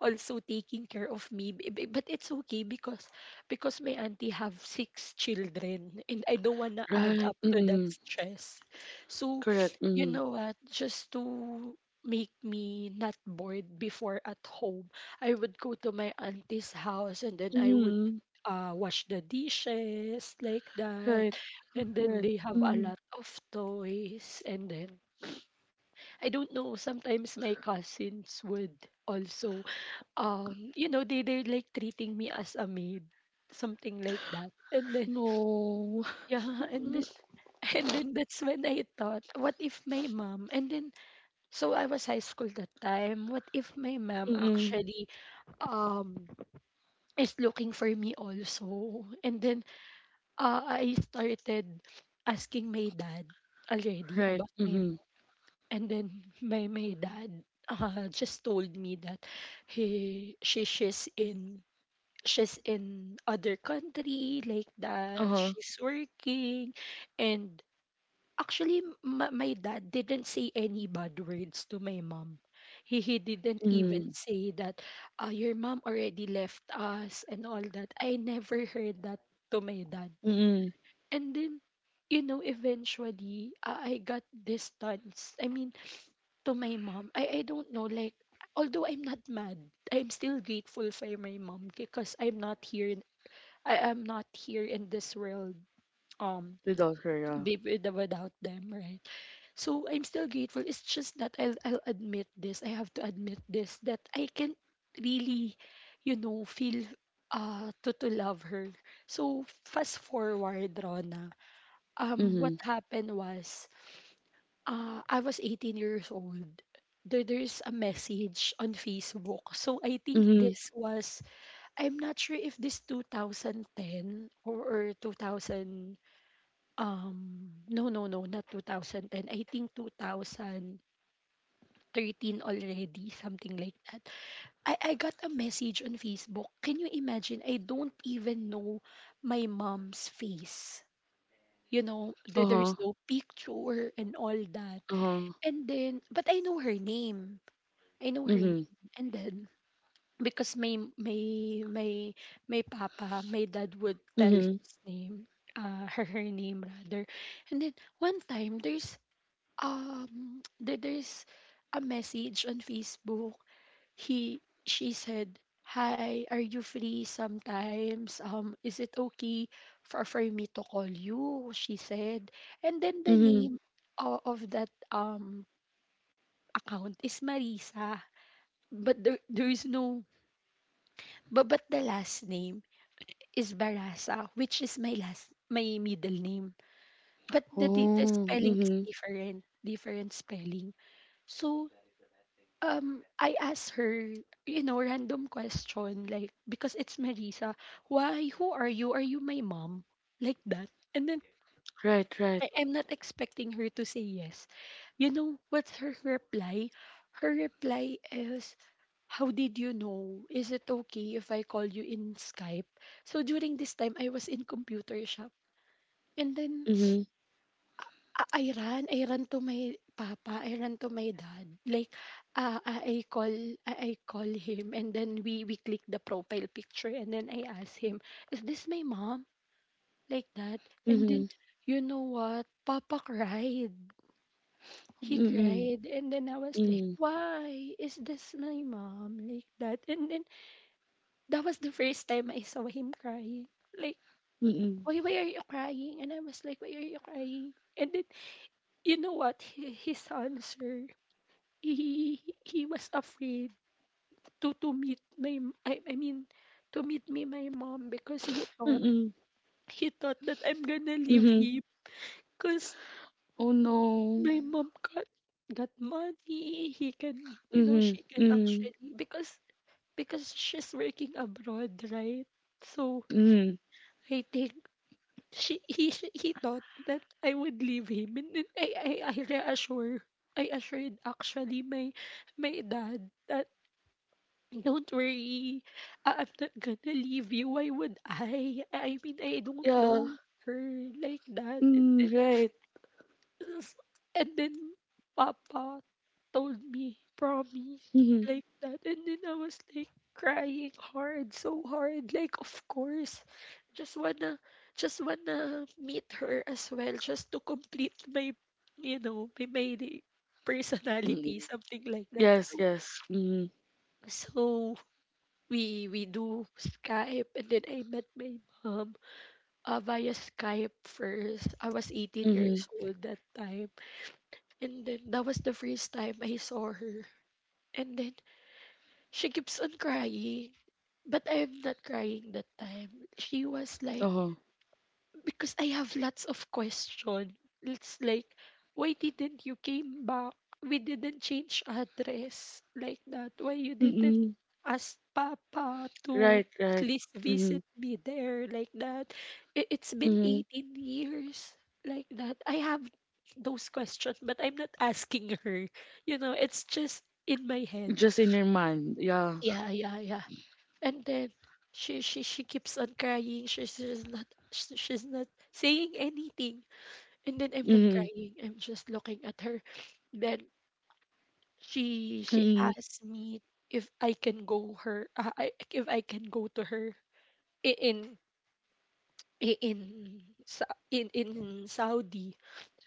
Speaker 1: also taking care of me. But it's okay because my auntie have six children, and I don't wanna add
Speaker 2: right,
Speaker 1: up to that
Speaker 2: mm,
Speaker 1: stress. So,
Speaker 2: correct,
Speaker 1: you
Speaker 2: mm,
Speaker 1: know what? Just to make me not bored before at home, I would go to my auntie's house, and then I would,
Speaker 2: mm,
Speaker 1: wash the dishes like that,
Speaker 2: right,
Speaker 1: and then
Speaker 2: right,
Speaker 1: they have a
Speaker 2: mhm,
Speaker 1: lot of toys, and then I don't know. Sometimes my cousins would also, they're like treating me as a maid, something like that. And then
Speaker 2: no,
Speaker 1: yeah, and then and then that's when I thought, what if my mom? And then so I was high school that time. What if my mom
Speaker 2: mm,
Speaker 1: actually, um is looking for me also? And then, I started asking my dad already
Speaker 2: right,
Speaker 1: about my mom.
Speaker 2: mhm,
Speaker 1: And then my dad, just told me that he she she's in other country like that.
Speaker 2: uh-huh,
Speaker 1: She's working, and actually my dad didn't say any bad words to my mom. He didn't even
Speaker 2: mhm,
Speaker 1: say that, your mom already left us and all that. I never heard that to my dad.
Speaker 2: mm,
Speaker 1: And then, eventually, I got distance. I mean, to my mom. I don't know, like although I'm not mad, I'm still grateful for my mom because I am not here in this world, um
Speaker 2: without her, yeah,
Speaker 1: without them, right? So I'm still grateful. It's just that I'll admit this. I have to admit this that I can't really, feel to love her. So fast forward, Rona. What
Speaker 2: mhm,
Speaker 1: happened was I was 18 years old. There's a message on Facebook. So I think
Speaker 2: mhm,
Speaker 1: this was, I'm not sure if this 2010 or 2000, no, not 2010. I think 2013 already, something like that. I got a message on Facebook. Can you imagine? I don't even know my mom's face. You know, there,
Speaker 2: uh-huh,
Speaker 1: there's no picture and all that.
Speaker 2: uh-huh,
Speaker 1: And then, but I know her name. I know her
Speaker 2: mhm,
Speaker 1: name. And then, because my papa, my dad would tell
Speaker 2: mhm,
Speaker 1: his name, her name rather. And then one time, there's there's a message on Facebook he she said, "Hi, are you free sometimes? Is it okay for me to call you?" She said, and then the
Speaker 2: mhm,
Speaker 1: name of that account is Marisa, but there is no but but the last name is Barasa, which is my last my middle name, but the
Speaker 2: oh,
Speaker 1: spelling is
Speaker 2: mhm.
Speaker 1: different, different spelling. So, I asked her, you know, random question, like, because it's Marisa, why, who are you? Are you my mom? Like that. And then
Speaker 2: Right, right.
Speaker 1: I am not expecting her to say yes. You know, what's her reply? Her reply is, how did you know? Is it okay if I call you in Skype? So during this time, I was in computer shop. And then
Speaker 2: Mhm.
Speaker 1: ah, I ran to my papa, I ran to my dad. Like, ah, ah, I call him and then we click the profile picture and then I ask him, "Is this my mom?" Like that. And
Speaker 2: Mhm.
Speaker 1: then you know what? Papa cried. He
Speaker 2: Mm-mm.
Speaker 1: cried and then I was like,
Speaker 2: Mm.
Speaker 1: "Why is this my mom?" Like that. And then that was the first time I saw him crying. Like,
Speaker 2: Mm-mm.
Speaker 1: Why are you crying?" And I was like, "Why are you crying?" And then you know what? He, his answer. He was afraid to meet my m- I mean to meet me my mom because
Speaker 2: Mm-mm.
Speaker 1: he thought that I'm gonna leave
Speaker 2: Mhm.
Speaker 1: him because
Speaker 2: Oh no.
Speaker 1: my mom got money he can you know
Speaker 2: Mhm.
Speaker 1: she can
Speaker 2: Mhm.
Speaker 1: actually, because she's working abroad, right? So
Speaker 2: Mhm.
Speaker 1: I think he thought that I would leave him, and then I assured actually my my dad that don't worry. I'm not gonna leave you. Why would I? I mean, I don't
Speaker 2: Yeah.
Speaker 1: know her like that. And
Speaker 2: Mm,
Speaker 1: then,
Speaker 2: right.
Speaker 1: and then Papa told me, promise,
Speaker 2: Mhm.
Speaker 1: like that. And then I was like crying hard, so hard. Like, of course, just wanna, just wanna meet her as well, just to complete my, you know, my personality,
Speaker 2: Mm.
Speaker 1: something like that.
Speaker 2: Yes, yes. Mhm.
Speaker 1: So, we do Skype and then I met my mom via Skype first. I was 18
Speaker 2: Mhm.
Speaker 1: years old that time. And then that was the first time I saw her. And then she keeps on crying. But I'm not crying that time. She was like,
Speaker 2: Uh-huh.
Speaker 1: because I have lots of question. It's like, why didn't you came back? We didn't change address like that. Why you didn't
Speaker 2: Mm-mm.
Speaker 1: ask Papa to
Speaker 2: Right,
Speaker 1: at
Speaker 2: right.
Speaker 1: least
Speaker 2: Mhm.
Speaker 1: visit me there like that? It's been
Speaker 2: Mhm.
Speaker 1: 18 years like that. I have those questions, but I'm not asking her. You know, it's just in my head.
Speaker 2: Just in your mind. Yeah.
Speaker 1: Yeah, yeah, yeah, and then she keeps on crying. She's not saying anything, and then I'm not
Speaker 2: Mhm.
Speaker 1: crying, I'm just looking at her. Then she
Speaker 2: Mhm.
Speaker 1: asked me if I can go her I, if I can go to her I- in I- in Sa- in Saudi,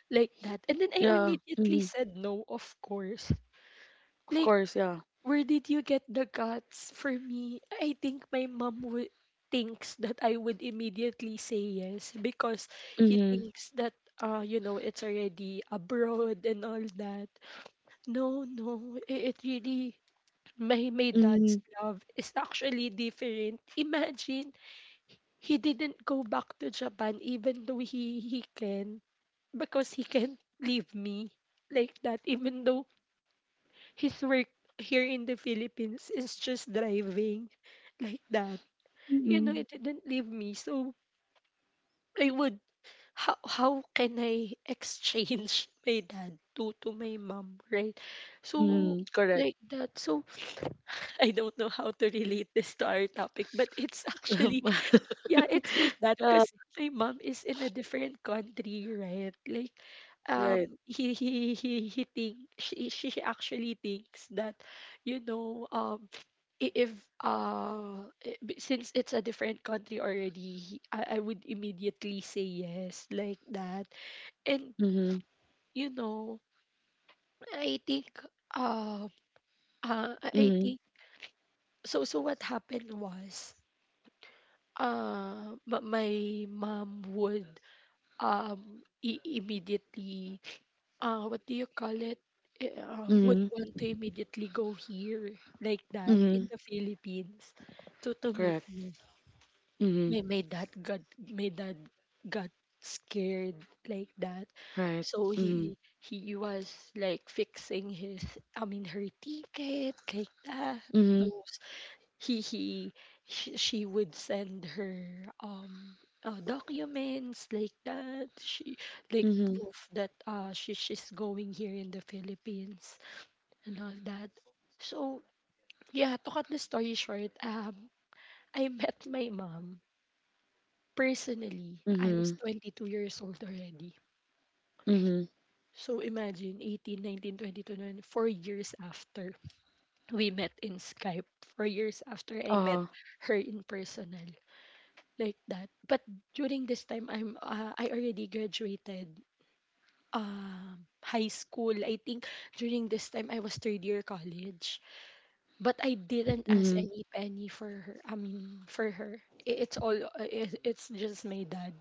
Speaker 1: like that, and then I
Speaker 2: Yeah.
Speaker 1: immediately
Speaker 2: Mhm.
Speaker 1: said no, of course.
Speaker 2: Of
Speaker 1: Like,
Speaker 2: course, yeah.
Speaker 1: where did you get the guts? For me, I think my mom would thinks that I would immediately say yes because he
Speaker 2: Mhm.
Speaker 1: thinks that you know, it's already abroad and all that. No, no, it really, my
Speaker 2: Mhm.
Speaker 1: dad's love is actually different. Imagine, he didn't go back to Japan even though he can, because he can't leave me like that, even though his work here in the Philippines is just driving like that. You know,
Speaker 2: Mhm.
Speaker 1: it didn't leave me. So I would, how can I exchange my dad to my mom, right?
Speaker 2: Mhm.
Speaker 1: So
Speaker 2: Correct.
Speaker 1: like that. So I don't know how to relate this to our topic, but it's actually, yeah, it's like that
Speaker 2: yeah.
Speaker 1: because my mom is in a different country, right? Like,
Speaker 2: Right.
Speaker 1: he think she actually thinks that, you know, I- if I- b- since it's a different country already, I would immediately say yes like that, and
Speaker 2: Mhm.
Speaker 1: you know, I think uh, I
Speaker 2: Mhm.
Speaker 1: think so. So what happened was, my mom would immediately what do you call it I- would
Speaker 2: Mhm.
Speaker 1: want to immediately go here like that in
Speaker 2: Mhm.
Speaker 1: the Philippines to meet
Speaker 2: Correct.
Speaker 1: me.
Speaker 2: Mhm.
Speaker 1: My dad got, my dad got scared like that.
Speaker 2: Right.
Speaker 1: So
Speaker 2: Mhm.
Speaker 1: he was like fixing his, I mean her ticket, like that.
Speaker 2: Mhm.
Speaker 1: Those, he he she would send her documents like that, she like,
Speaker 2: Mhm.
Speaker 1: proof that she's going here in the Philippines and all that. So yeah, to cut the story short, I met my mom personally. I was
Speaker 2: Mhm.
Speaker 1: 22 years old already.
Speaker 2: Mhm.
Speaker 1: So imagine, 18, 19, 20, 21, 4 years after we met in Skype, 4 years after I met
Speaker 2: Uh-huh.
Speaker 1: her in personal, like that. But during this time, I already graduated high school. I think during this time I was third year college, but I didn't ask
Speaker 2: Mhm.
Speaker 1: any penny for her. I mean, for her, it's all it's just my dad.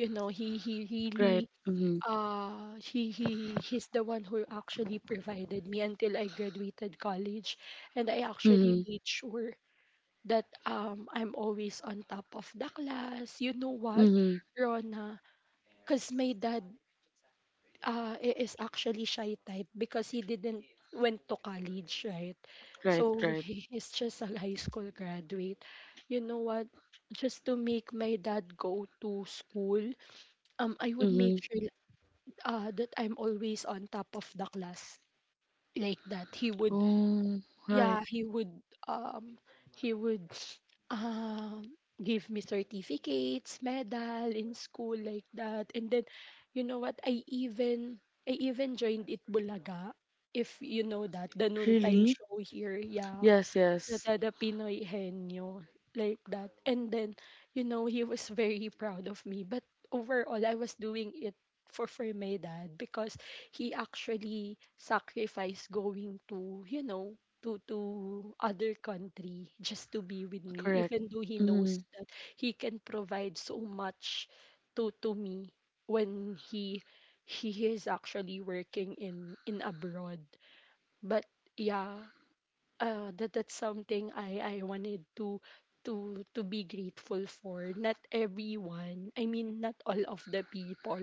Speaker 1: You know, he really,
Speaker 2: Right. Mhm.
Speaker 1: he's the one who actually provided me until I graduated college, and I actually
Speaker 2: Mhm.
Speaker 1: made sure that I'm always on top of the class. You know what,
Speaker 2: Mhm.
Speaker 1: Rona? Because my dad is actually shy type because he didn't went to college, right?
Speaker 2: Right.
Speaker 1: So
Speaker 2: Right.
Speaker 1: he is just a high school graduate. You know what? Just to make my dad go to school, I would make
Speaker 2: Mhm.
Speaker 1: sure that I'm always on top of the class like that.
Speaker 2: Oh. Right.
Speaker 1: He would he would um give me certificates, medal in school, like that. And then you know what? I even joined it Bulaga. If you know that, the noontime
Speaker 2: Really?
Speaker 1: show here, yeah.
Speaker 2: Yes.
Speaker 1: The,
Speaker 2: Yes.
Speaker 1: the, the Pinoy Henyo, like that. And then, you know, he was very proud of me. But overall, I was doing it for my dad because he actually sacrificed going to, you know, to other country just to be with me
Speaker 2: Correct.
Speaker 1: even though he knows
Speaker 2: Mhm.
Speaker 1: that he can provide so much to me when he is actually working in abroad, but yeah, that's something I wanted to to be grateful for. Not everyone, I mean, not all of the people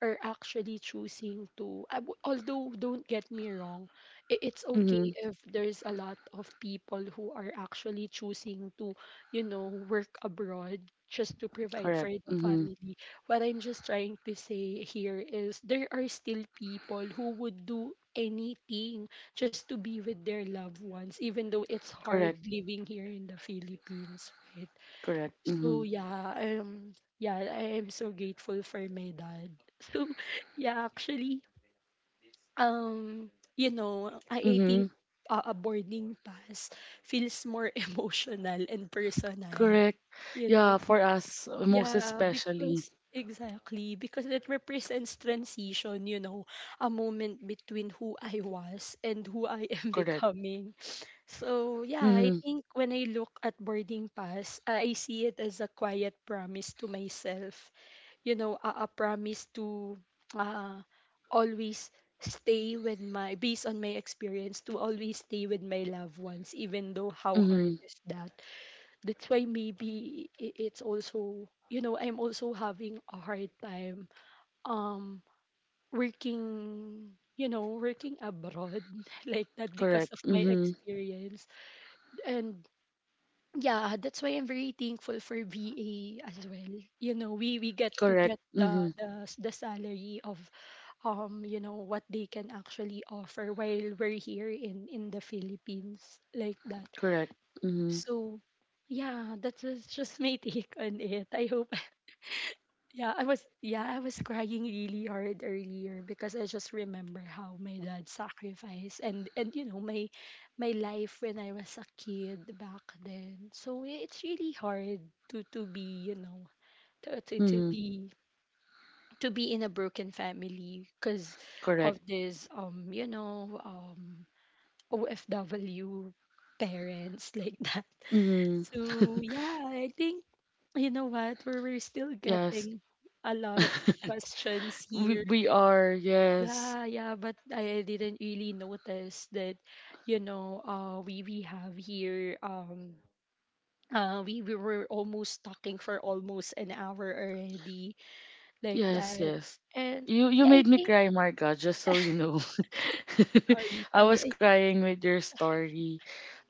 Speaker 1: are actually choosing to. Although, don't get me wrong, it's
Speaker 2: Mhm.
Speaker 1: okay if there's a lot of people who are actually choosing to, you know, work abroad just to provide for
Speaker 2: Correct.
Speaker 1: the
Speaker 2: Mhm.
Speaker 1: family. What I'm just trying to say here is there are still people who would do anything just to be with their loved ones, even though it's
Speaker 2: Correct.
Speaker 1: hard living here in the Philippines, right?
Speaker 2: Correct.
Speaker 1: So
Speaker 2: Mhm.
Speaker 1: yeah, yeah, I am so grateful for my dad. So yeah, actually, um, you know, I think
Speaker 2: Mhm.
Speaker 1: a boarding pass feels more emotional and personal,
Speaker 2: Correct.
Speaker 1: you
Speaker 2: Yeah.
Speaker 1: know.
Speaker 2: For us, most
Speaker 1: Yeah,
Speaker 2: especially.
Speaker 1: because exactly, because it represents transition, you know, a moment between who I was and who I am
Speaker 2: Correct.
Speaker 1: becoming. So, yeah, I
Speaker 2: Mhm.
Speaker 1: think when I look at boarding pass, I see it as a quiet promise to myself, you know, a promise to uh, always stay with my, based on my experience, to always stay with my loved ones, even though how hard
Speaker 2: Mhm.
Speaker 1: is that. That's why maybe it's also, you know, I'm also having a hard time um working, you know, working abroad like that
Speaker 2: Correct.
Speaker 1: because of my
Speaker 2: Mhm.
Speaker 1: experience. And yeah, that's why I'm very thankful for VA as well, you know, we get to
Speaker 2: Correct.
Speaker 1: get
Speaker 2: Mhm.
Speaker 1: the salary of you know what they can actually offer while we're here in the Philippines, like that.
Speaker 2: Correct. Mm-hmm.
Speaker 1: So yeah, that was just my take on it. I hope yeah, I was crying really hard earlier because I just remember how my dad sacrificed and you know my my life when I was a kid back then. So it's really hard to be, you know, to to, to
Speaker 2: Mm-hmm.
Speaker 1: be to be in a broken family because
Speaker 2: Correct.
Speaker 1: of this you know, OFW parents like that.
Speaker 2: Mm-hmm.
Speaker 1: So yeah, I think you know what? We're still
Speaker 2: Yes.
Speaker 1: getting a lot of questions
Speaker 2: we
Speaker 1: here.
Speaker 2: we are. Yes.
Speaker 1: Yeah, yeah, but I didn't really notice that, you know, we have here we were almost talking for almost an hour already like
Speaker 2: Yes.
Speaker 1: that.
Speaker 2: Yes.
Speaker 1: And
Speaker 2: You
Speaker 1: yeah,
Speaker 2: made
Speaker 1: I
Speaker 2: me
Speaker 1: think
Speaker 2: cry, Marga. Just so you know,
Speaker 1: sorry,
Speaker 2: I was
Speaker 1: sorry.
Speaker 2: crying with your story.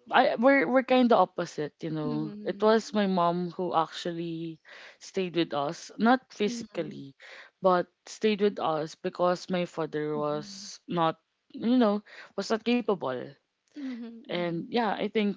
Speaker 2: I we're kind of opposite, you
Speaker 1: I,
Speaker 2: know. It
Speaker 1: mm,
Speaker 2: was my mom who actually stayed with us, not
Speaker 1: mm,
Speaker 2: physically, but stayed with us because my father
Speaker 1: mm,
Speaker 2: you know, was not capable.
Speaker 1: mm,
Speaker 2: And
Speaker 1: mm,
Speaker 2: yeah, I think.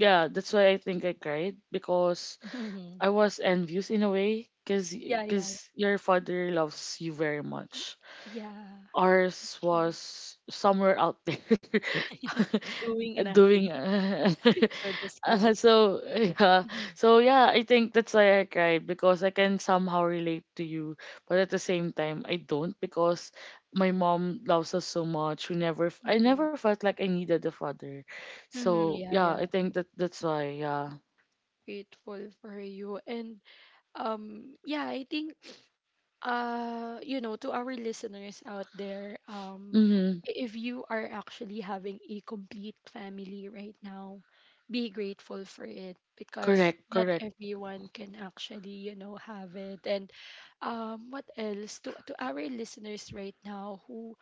Speaker 2: Yeah, that's why I think I cried because
Speaker 1: mm,
Speaker 2: I was envious in a way because cause
Speaker 1: yeah, yeah,
Speaker 2: 'cause
Speaker 1: yeah.
Speaker 2: your father loves you very much.
Speaker 1: Yeah,
Speaker 2: Ours
Speaker 1: actually.
Speaker 2: was somewhere out there
Speaker 1: Doing
Speaker 2: doing
Speaker 1: nothing. No, just
Speaker 2: uh,
Speaker 1: kidding.
Speaker 2: so yeah
Speaker 1: Mhm.
Speaker 2: so yeah, I think that's why I cried because I can somehow relate to you, but at the same time I don't because my mom loves us so much, we never I
Speaker 1: Mm-hmm.
Speaker 2: never felt like I needed a father.
Speaker 1: Mm-hmm.
Speaker 2: So
Speaker 1: Yeah,
Speaker 2: yeah,
Speaker 1: yeah.
Speaker 2: I think that's why. Yeah.
Speaker 1: Grateful for you. And yeah, I think you know, to our listeners out there,
Speaker 2: Mm-hmm.
Speaker 1: if you are actually having a complete family right now, be grateful for it because
Speaker 2: correct
Speaker 1: not
Speaker 2: correct
Speaker 1: everyone can actually, you know, have it. And what else to our listeners right now who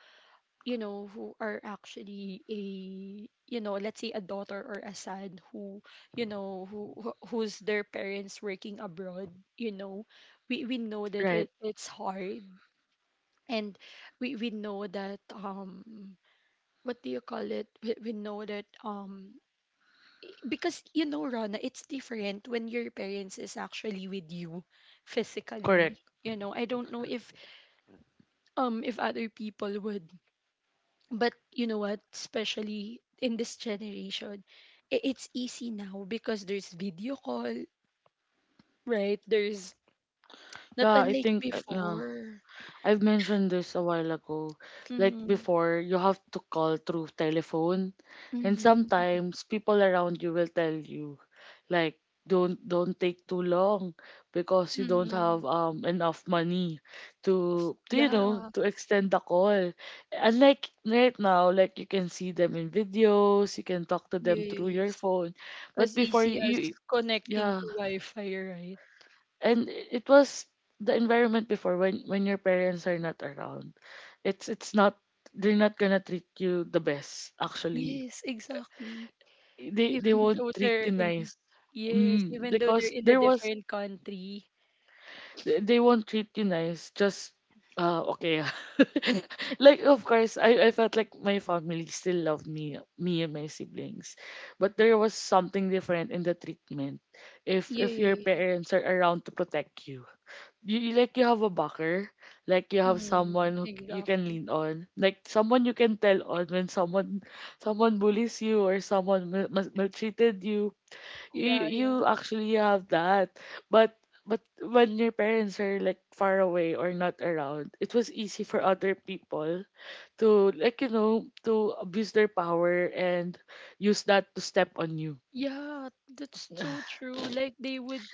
Speaker 1: you know, who are actually a, you know, let's say a daughter or a son who, you know, who's their parents working abroad, you know, we know that
Speaker 2: right,
Speaker 1: it's hard, and we know that what do you call it? We know that because you know, Rana, it's different when your parents is actually with you, physically.
Speaker 2: correct.
Speaker 1: You know, I don't know if other people would, but you know what, especially in this generation, it's easy now because there's video call, right? There's not
Speaker 2: Yeah, I
Speaker 1: unlike
Speaker 2: think yeah.
Speaker 1: before.
Speaker 2: I've mentioned this a while ago. Like
Speaker 1: Mm-hmm.
Speaker 2: before, you have to call through telephone, and
Speaker 1: Mm-hmm.
Speaker 2: sometimes people around you will tell you, like, don't take too long because you don't
Speaker 1: Mm-hmm.
Speaker 2: have enough money to, to you know
Speaker 1: Yeah.
Speaker 2: to extend the call. Unlike right now, like you can see them in videos, you can talk to them through your
Speaker 1: Yes.
Speaker 2: phone, but
Speaker 1: As
Speaker 2: before you,
Speaker 1: easy as
Speaker 2: you
Speaker 1: connecting
Speaker 2: yeah.
Speaker 1: to wi-fi, right?
Speaker 2: And it was, the environment before, when your parents are not around, it's not, they're not gonna treat you the best actually.
Speaker 1: Yes, exactly.
Speaker 2: They
Speaker 1: Even
Speaker 2: won't
Speaker 1: though
Speaker 2: treat
Speaker 1: they're
Speaker 2: you
Speaker 1: in,
Speaker 2: nice.
Speaker 1: yes, even though
Speaker 2: Because
Speaker 1: they're in a
Speaker 2: there was,
Speaker 1: different country.
Speaker 2: they won't treat you nice, just uh, okay. Like of course I felt like my family still loved me and my siblings, but there was something different in the treatment. If your
Speaker 1: Yeah.
Speaker 2: parents are around to protect you, you like you have a backer, like you have
Speaker 1: Mm.
Speaker 2: someone who you can
Speaker 1: Exactly.
Speaker 2: lean on, like someone you can tell on when someone, someone bullies you or someone maltreated you, you
Speaker 1: Yeah.
Speaker 2: you actually have that. but but when your parents are like far away or not around, it was easy for other people to, like, you know, to abuse their power and use that to step on you.
Speaker 1: Yeah, that's so true. Like they would,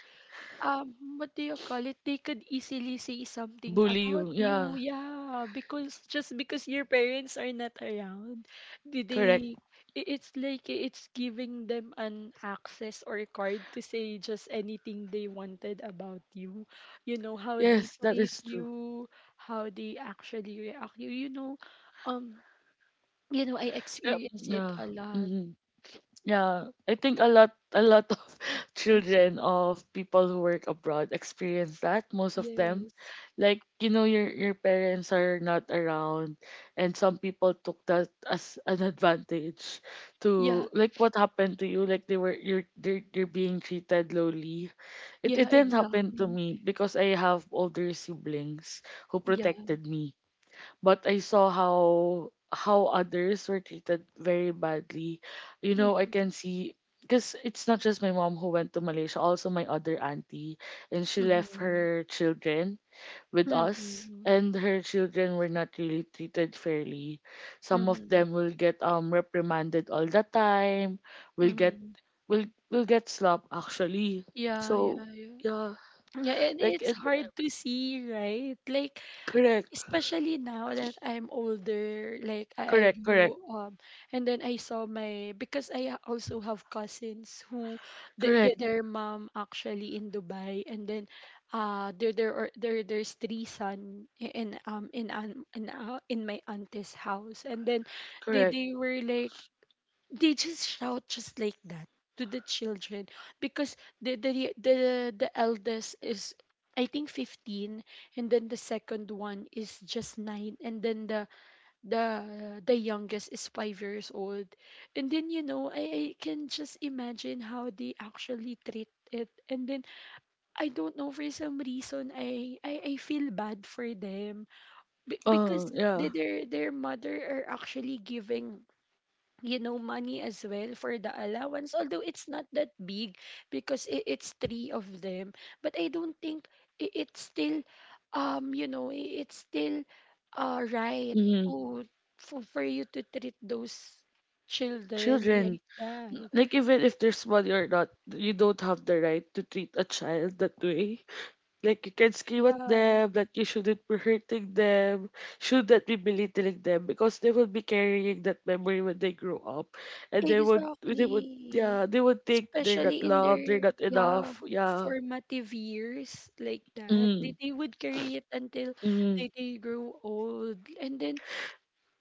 Speaker 1: what do you call it? They could easily say something
Speaker 2: Bully you,
Speaker 1: about
Speaker 2: yeah.
Speaker 1: you. Yeah, because just because your parents are not around, do
Speaker 2: Correct.
Speaker 1: they, it's like it's giving them an access or a card to say just anything they wanted about you. You know, how they
Speaker 2: Yes, that
Speaker 1: treat
Speaker 2: is true.
Speaker 1: you, how they actually react you. Um, you know, I
Speaker 2: Yep.
Speaker 1: experience it
Speaker 2: Yeah.
Speaker 1: a lot.
Speaker 2: Mhm. Yeah, I think a lot of children of people who work abroad experience that, most of them.
Speaker 1: Yes.
Speaker 2: Like, you know, your parents are not around, and some people took that as an advantage to,
Speaker 1: Yeah.
Speaker 2: like, what happened to you, like they were you're being treated lowly. It
Speaker 1: Yeah,
Speaker 2: it didn't happen to
Speaker 1: exactly.
Speaker 2: me because I have older siblings who
Speaker 1: Yeah.
Speaker 2: protected me, but I saw how others were treated very badly. You know, I
Speaker 1: Mhm.
Speaker 2: can see, because it's not just my mom who went to Malaysia, also my other auntie, and she left
Speaker 1: Mhm.
Speaker 2: her children with us,
Speaker 1: Mhm.
Speaker 2: and her children were not really treated fairly. Some of
Speaker 1: Mhm.
Speaker 2: them will get reprimanded all the time, will get,
Speaker 1: Mhm.
Speaker 2: will get slapped actually.
Speaker 1: Yeah,
Speaker 2: So
Speaker 1: yeah, yeah.
Speaker 2: yeah,
Speaker 1: Yeah, and
Speaker 2: like
Speaker 1: it's
Speaker 2: it,
Speaker 1: hard to see, right? Like
Speaker 2: correct,
Speaker 1: especially now that I'm older, like I
Speaker 2: correct, correct,
Speaker 1: grew up, and then I saw my because I also have cousins who
Speaker 2: correct,
Speaker 1: their mom actually in Dubai, and then there there are there there's three son in an in my auntie's house, and then they
Speaker 2: correct.
Speaker 1: they were like they just shout just like that to the children because the the the, the eldest is I think 15 and then the second one is just 9 and then the youngest is 5 years old. And then you know I, can just imagine how they actually treat it and then I don't know for some reason I feel bad for them. Because
Speaker 2: Yeah.
Speaker 1: their mother are actually giving, you know, money as well for the allowance, although it's not that big because it's three of them. But I don't think it's still you know it's still right
Speaker 2: Mm,
Speaker 1: to for you to treat those children
Speaker 2: children,
Speaker 1: like that,
Speaker 2: like even if they're small or not, you don't have the right to treat a child that way. Like you can scream at
Speaker 1: yeah.
Speaker 2: them that you shouldn't be hurting them, shouldn't be belittling them because they will be carrying that memory when they grow up, and they would, yeah,
Speaker 1: Exactly.
Speaker 2: they would think they're not
Speaker 1: Especially in
Speaker 2: loved, they're
Speaker 1: their
Speaker 2: not
Speaker 1: yeah
Speaker 2: enough. Yeah.
Speaker 1: formative years like that. They,
Speaker 2: Mm,
Speaker 1: they would carry it until
Speaker 2: mm.
Speaker 1: they grow old. And then,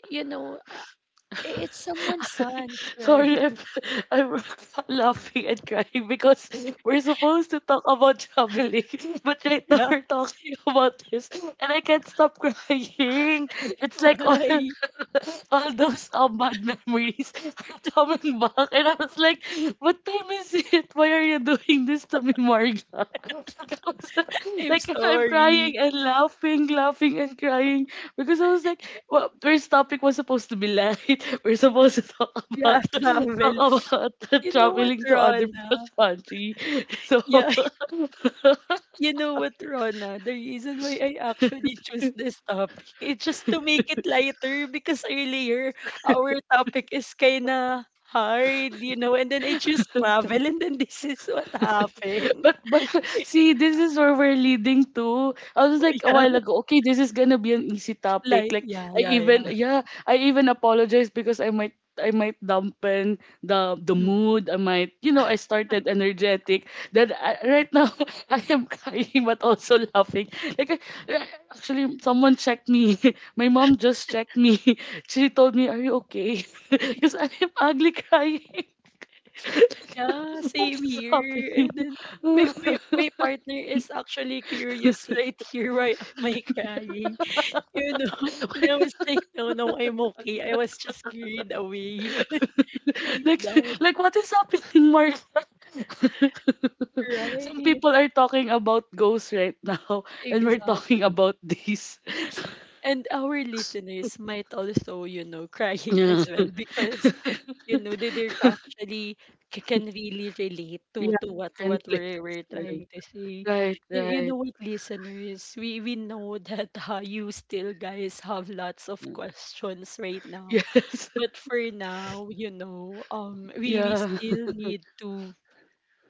Speaker 1: you know, it's someone's sons,
Speaker 2: Sorry,
Speaker 1: right?
Speaker 2: I'm, I'm laughing and crying because we're supposed to talk about traveling, but right now
Speaker 1: Yeah.
Speaker 2: we're talking about this, and I can't stop crying. It's like all,
Speaker 1: Why?
Speaker 2: all those bad memories are coming back, and I was like, "What time is it? Why are you doing this to me, Marga?" Like I was,
Speaker 1: I'm
Speaker 2: like, I'm
Speaker 1: sorry.
Speaker 2: crying and laughing, laughing and crying because I was like, well, first topic was supposed to be light. We're supposed to talk
Speaker 1: Yeah,
Speaker 2: about
Speaker 1: travel.
Speaker 2: talk about
Speaker 1: You know what,
Speaker 2: traveling to other
Speaker 1: Rona?
Speaker 2: country. So
Speaker 1: Yeah. You know what, Rona? The reason why I actually choose this topic is just to make it lighter because earlier our topic is kinda hard, you know, and then I choose travel and then this is what happened.
Speaker 2: but see, this is where we're leading to. I was
Speaker 1: Oh,
Speaker 2: like a
Speaker 1: yeah.
Speaker 2: while ago, okay, this is gonna be an easy topic.
Speaker 1: Like,
Speaker 2: Like,
Speaker 1: yeah,
Speaker 2: I
Speaker 1: yeah, yeah.
Speaker 2: even, yeah, I even apologize because I might, I might dampen the
Speaker 1: Mm.
Speaker 2: mood. I might, you know, I started energetic. That I, right now I am crying but also laughing. Like actually, someone checked me. My mom just checked me. She told me, "Are you okay?" Because I am ugly crying.
Speaker 1: Yeah, same
Speaker 2: What's
Speaker 1: here.
Speaker 2: happening?
Speaker 1: And then my partner is actually curious right here. Why am I crying? You know? And I
Speaker 2: Like,
Speaker 1: was like, no, no, I'm okay. I was just carried away like
Speaker 2: like
Speaker 1: that.
Speaker 2: like, what is happening, Mark? Some
Speaker 1: Right,
Speaker 2: people are talking about ghosts right now, and we're
Speaker 1: exact.
Speaker 2: talking about this.
Speaker 1: And our listeners might also, you know, crying
Speaker 2: Yeah,
Speaker 1: as well because, you know, they actually can really relate to
Speaker 2: yeah,
Speaker 1: what
Speaker 2: and like,
Speaker 1: we're trying to say.
Speaker 2: right,
Speaker 1: You
Speaker 2: right.
Speaker 1: know what, listeners, we know that you still guys have lots of questions right now,
Speaker 2: Yes,
Speaker 1: but for now, you know, we
Speaker 2: yeah,
Speaker 1: still need to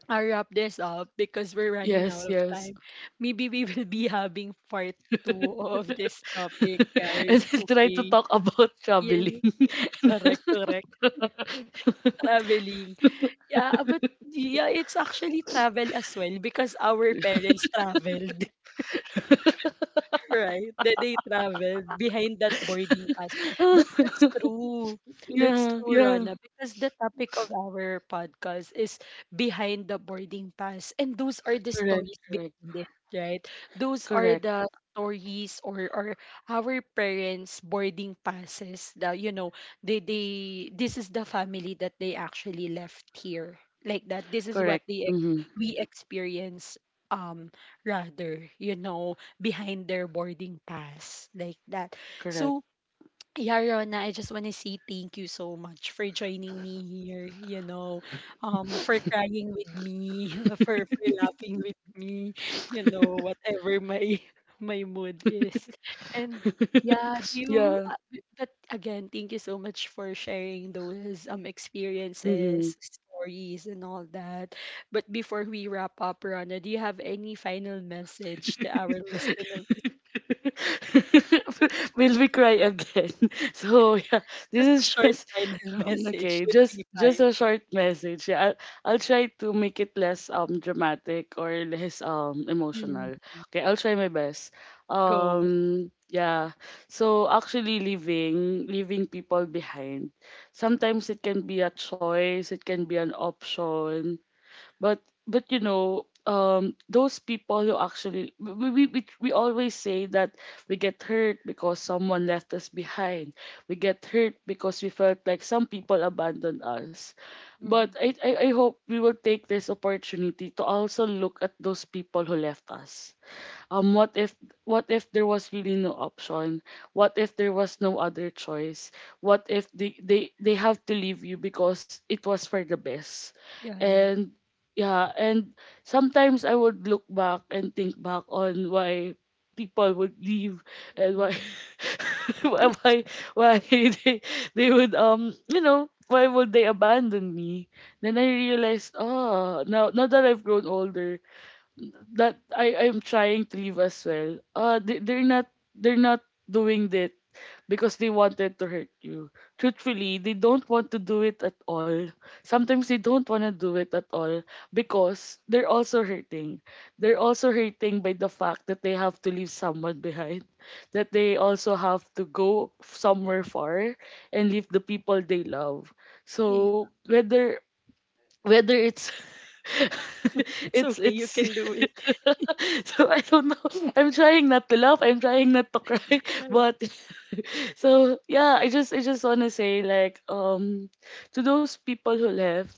Speaker 1: I wrap this up because we're running out
Speaker 2: yes,
Speaker 1: of
Speaker 2: yes.
Speaker 1: time. Maybe we will be having part two of this
Speaker 2: And
Speaker 1: topic, guys.
Speaker 2: I will try to
Speaker 1: Okay.
Speaker 2: talk about
Speaker 1: Yes.
Speaker 2: traveling.
Speaker 1: Correct, correct. Traveling. Yeah, but yeah, it's actually travel as well because our parents traveled. Right, that they traveled behind that boarding pass. But that's true. That's
Speaker 2: Yeah,
Speaker 1: true,
Speaker 2: yeah.
Speaker 1: Rana, because the topic of our podcast is behind the boarding pass. And those are the
Speaker 2: Correct,
Speaker 1: stories
Speaker 2: correct,
Speaker 1: behind it, right? Those are
Speaker 2: correct,
Speaker 1: the stories or our parents' boarding passes. The, you know, they this is the family that they actually left here. Like that. This is what
Speaker 2: correct.
Speaker 1: they
Speaker 2: Mm-hmm.
Speaker 1: we experience um rather, you know, behind their boarding pass like that.
Speaker 2: Correct.
Speaker 1: So yeah, Rona, I just want to say thank you so much for joining me here, you know, for crying with me, for laughing with me, you know, whatever my my mood is. And yeah, do you,
Speaker 2: Yeah.
Speaker 1: but again, thank you so much for sharing those
Speaker 2: Mm-hmm.
Speaker 1: experiences, stories, and all that. But before we wrap up, Rona, do you have any final message to our listeners?
Speaker 2: Will we cry again? So yeah, this
Speaker 1: Just a
Speaker 2: is
Speaker 1: short
Speaker 2: just
Speaker 1: final message
Speaker 2: okay.
Speaker 1: would be
Speaker 2: Just
Speaker 1: fine.
Speaker 2: a short message. Yeah, I'll try to make it less dramatic or less
Speaker 1: Mm.
Speaker 2: emotional. Okay, I'll try my best.
Speaker 1: Go.
Speaker 2: Um, yeah. So actually, leaving people behind, sometimes it can be a choice. It can be an option, but but you know, those people who actually we, we always say that we get hurt because someone left us behind, we get hurt because we felt like some people abandoned us, but
Speaker 1: Hmm.
Speaker 2: I hope we will take this opportunity to also look at those people who left us. Um, what if, what if there was really no option, what if there was no other choice, what if they have to leave you because it was for the best.
Speaker 1: Yeah, yeah.
Speaker 2: And yeah, and sometimes I would look back and think back on why people would leave, and why
Speaker 1: Mm.
Speaker 2: why why why they would, you know, why would they abandon me? Then I realized, oh, now that I've grown older, that I'm trying to leave as well. They're not, they're not doing that because they wanted to hurt you. Truthfully, they don't want to do it at all. Sometimes they don't want to do it at all because they're also hurting. They're also hurting by the fact that they have to leave someone behind, that they also have to go somewhere far and leave the people they love.
Speaker 1: Yeah.
Speaker 2: So whether, whether it's
Speaker 1: It's okay. You
Speaker 2: it's
Speaker 1: can do it.
Speaker 2: so I don't know. I'm trying not to laugh. I'm trying not to
Speaker 1: Not to
Speaker 2: cry.
Speaker 1: cry.
Speaker 2: But so yeah, I just, I just wanna say, like, um, to those people who left,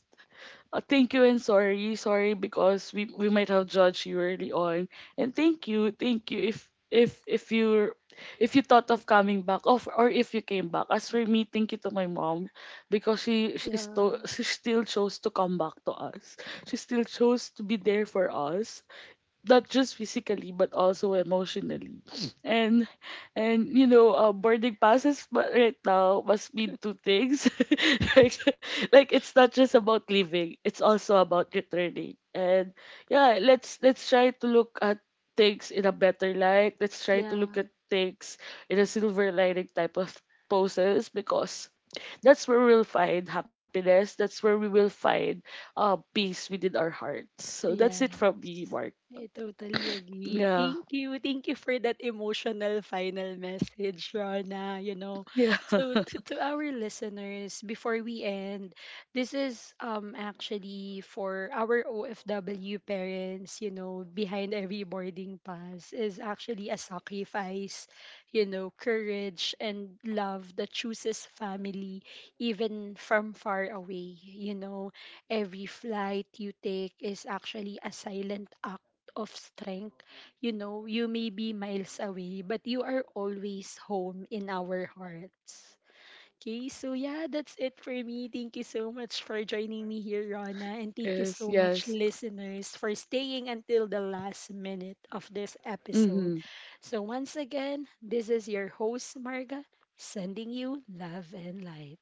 Speaker 2: thank you and sorry, sorry because we might have judged you early on. And thank you, thank you, if if you, if you thought of coming back, of or if you came back. As for me, thank you to my mom because she still,
Speaker 1: Yeah.
Speaker 2: she still chose to come back to us. She still chose to be there for us, not just physically but also emotionally, and and you know, boarding passes but right now must mean two things. like, like it's not just about leaving, it's also about returning. And yeah, let's try to look at things in a better light, let's try to
Speaker 1: Yeah.
Speaker 2: look at things in a silver lining type of poses, because that's where we'll find happiness, that's where we will find, peace within our hearts. So that's it
Speaker 1: Yes.
Speaker 2: from me, Mark.
Speaker 1: I totally agree.
Speaker 2: Yeah,
Speaker 1: Thank you. Thank you for that emotional final message, Rana. You know,
Speaker 2: yeah,
Speaker 1: so to our listeners, before we end, this is actually for our OFW parents, you know, behind every boarding pass is actually a sacrifice, you know, courage and love that chooses family even from far away, you know, every flight you take is actually a silent act of strength. You know, you may be miles away, but you are always home in our hearts. Okay, so yeah, that's it for me. Thank you so much for joining me here, Rana, and thank you
Speaker 2: yes,
Speaker 1: so much,
Speaker 2: yes.
Speaker 1: listeners, for staying until the last minute of this episode.
Speaker 2: Hmm.
Speaker 1: So, once again, this is your host, Marga, sending you love and light.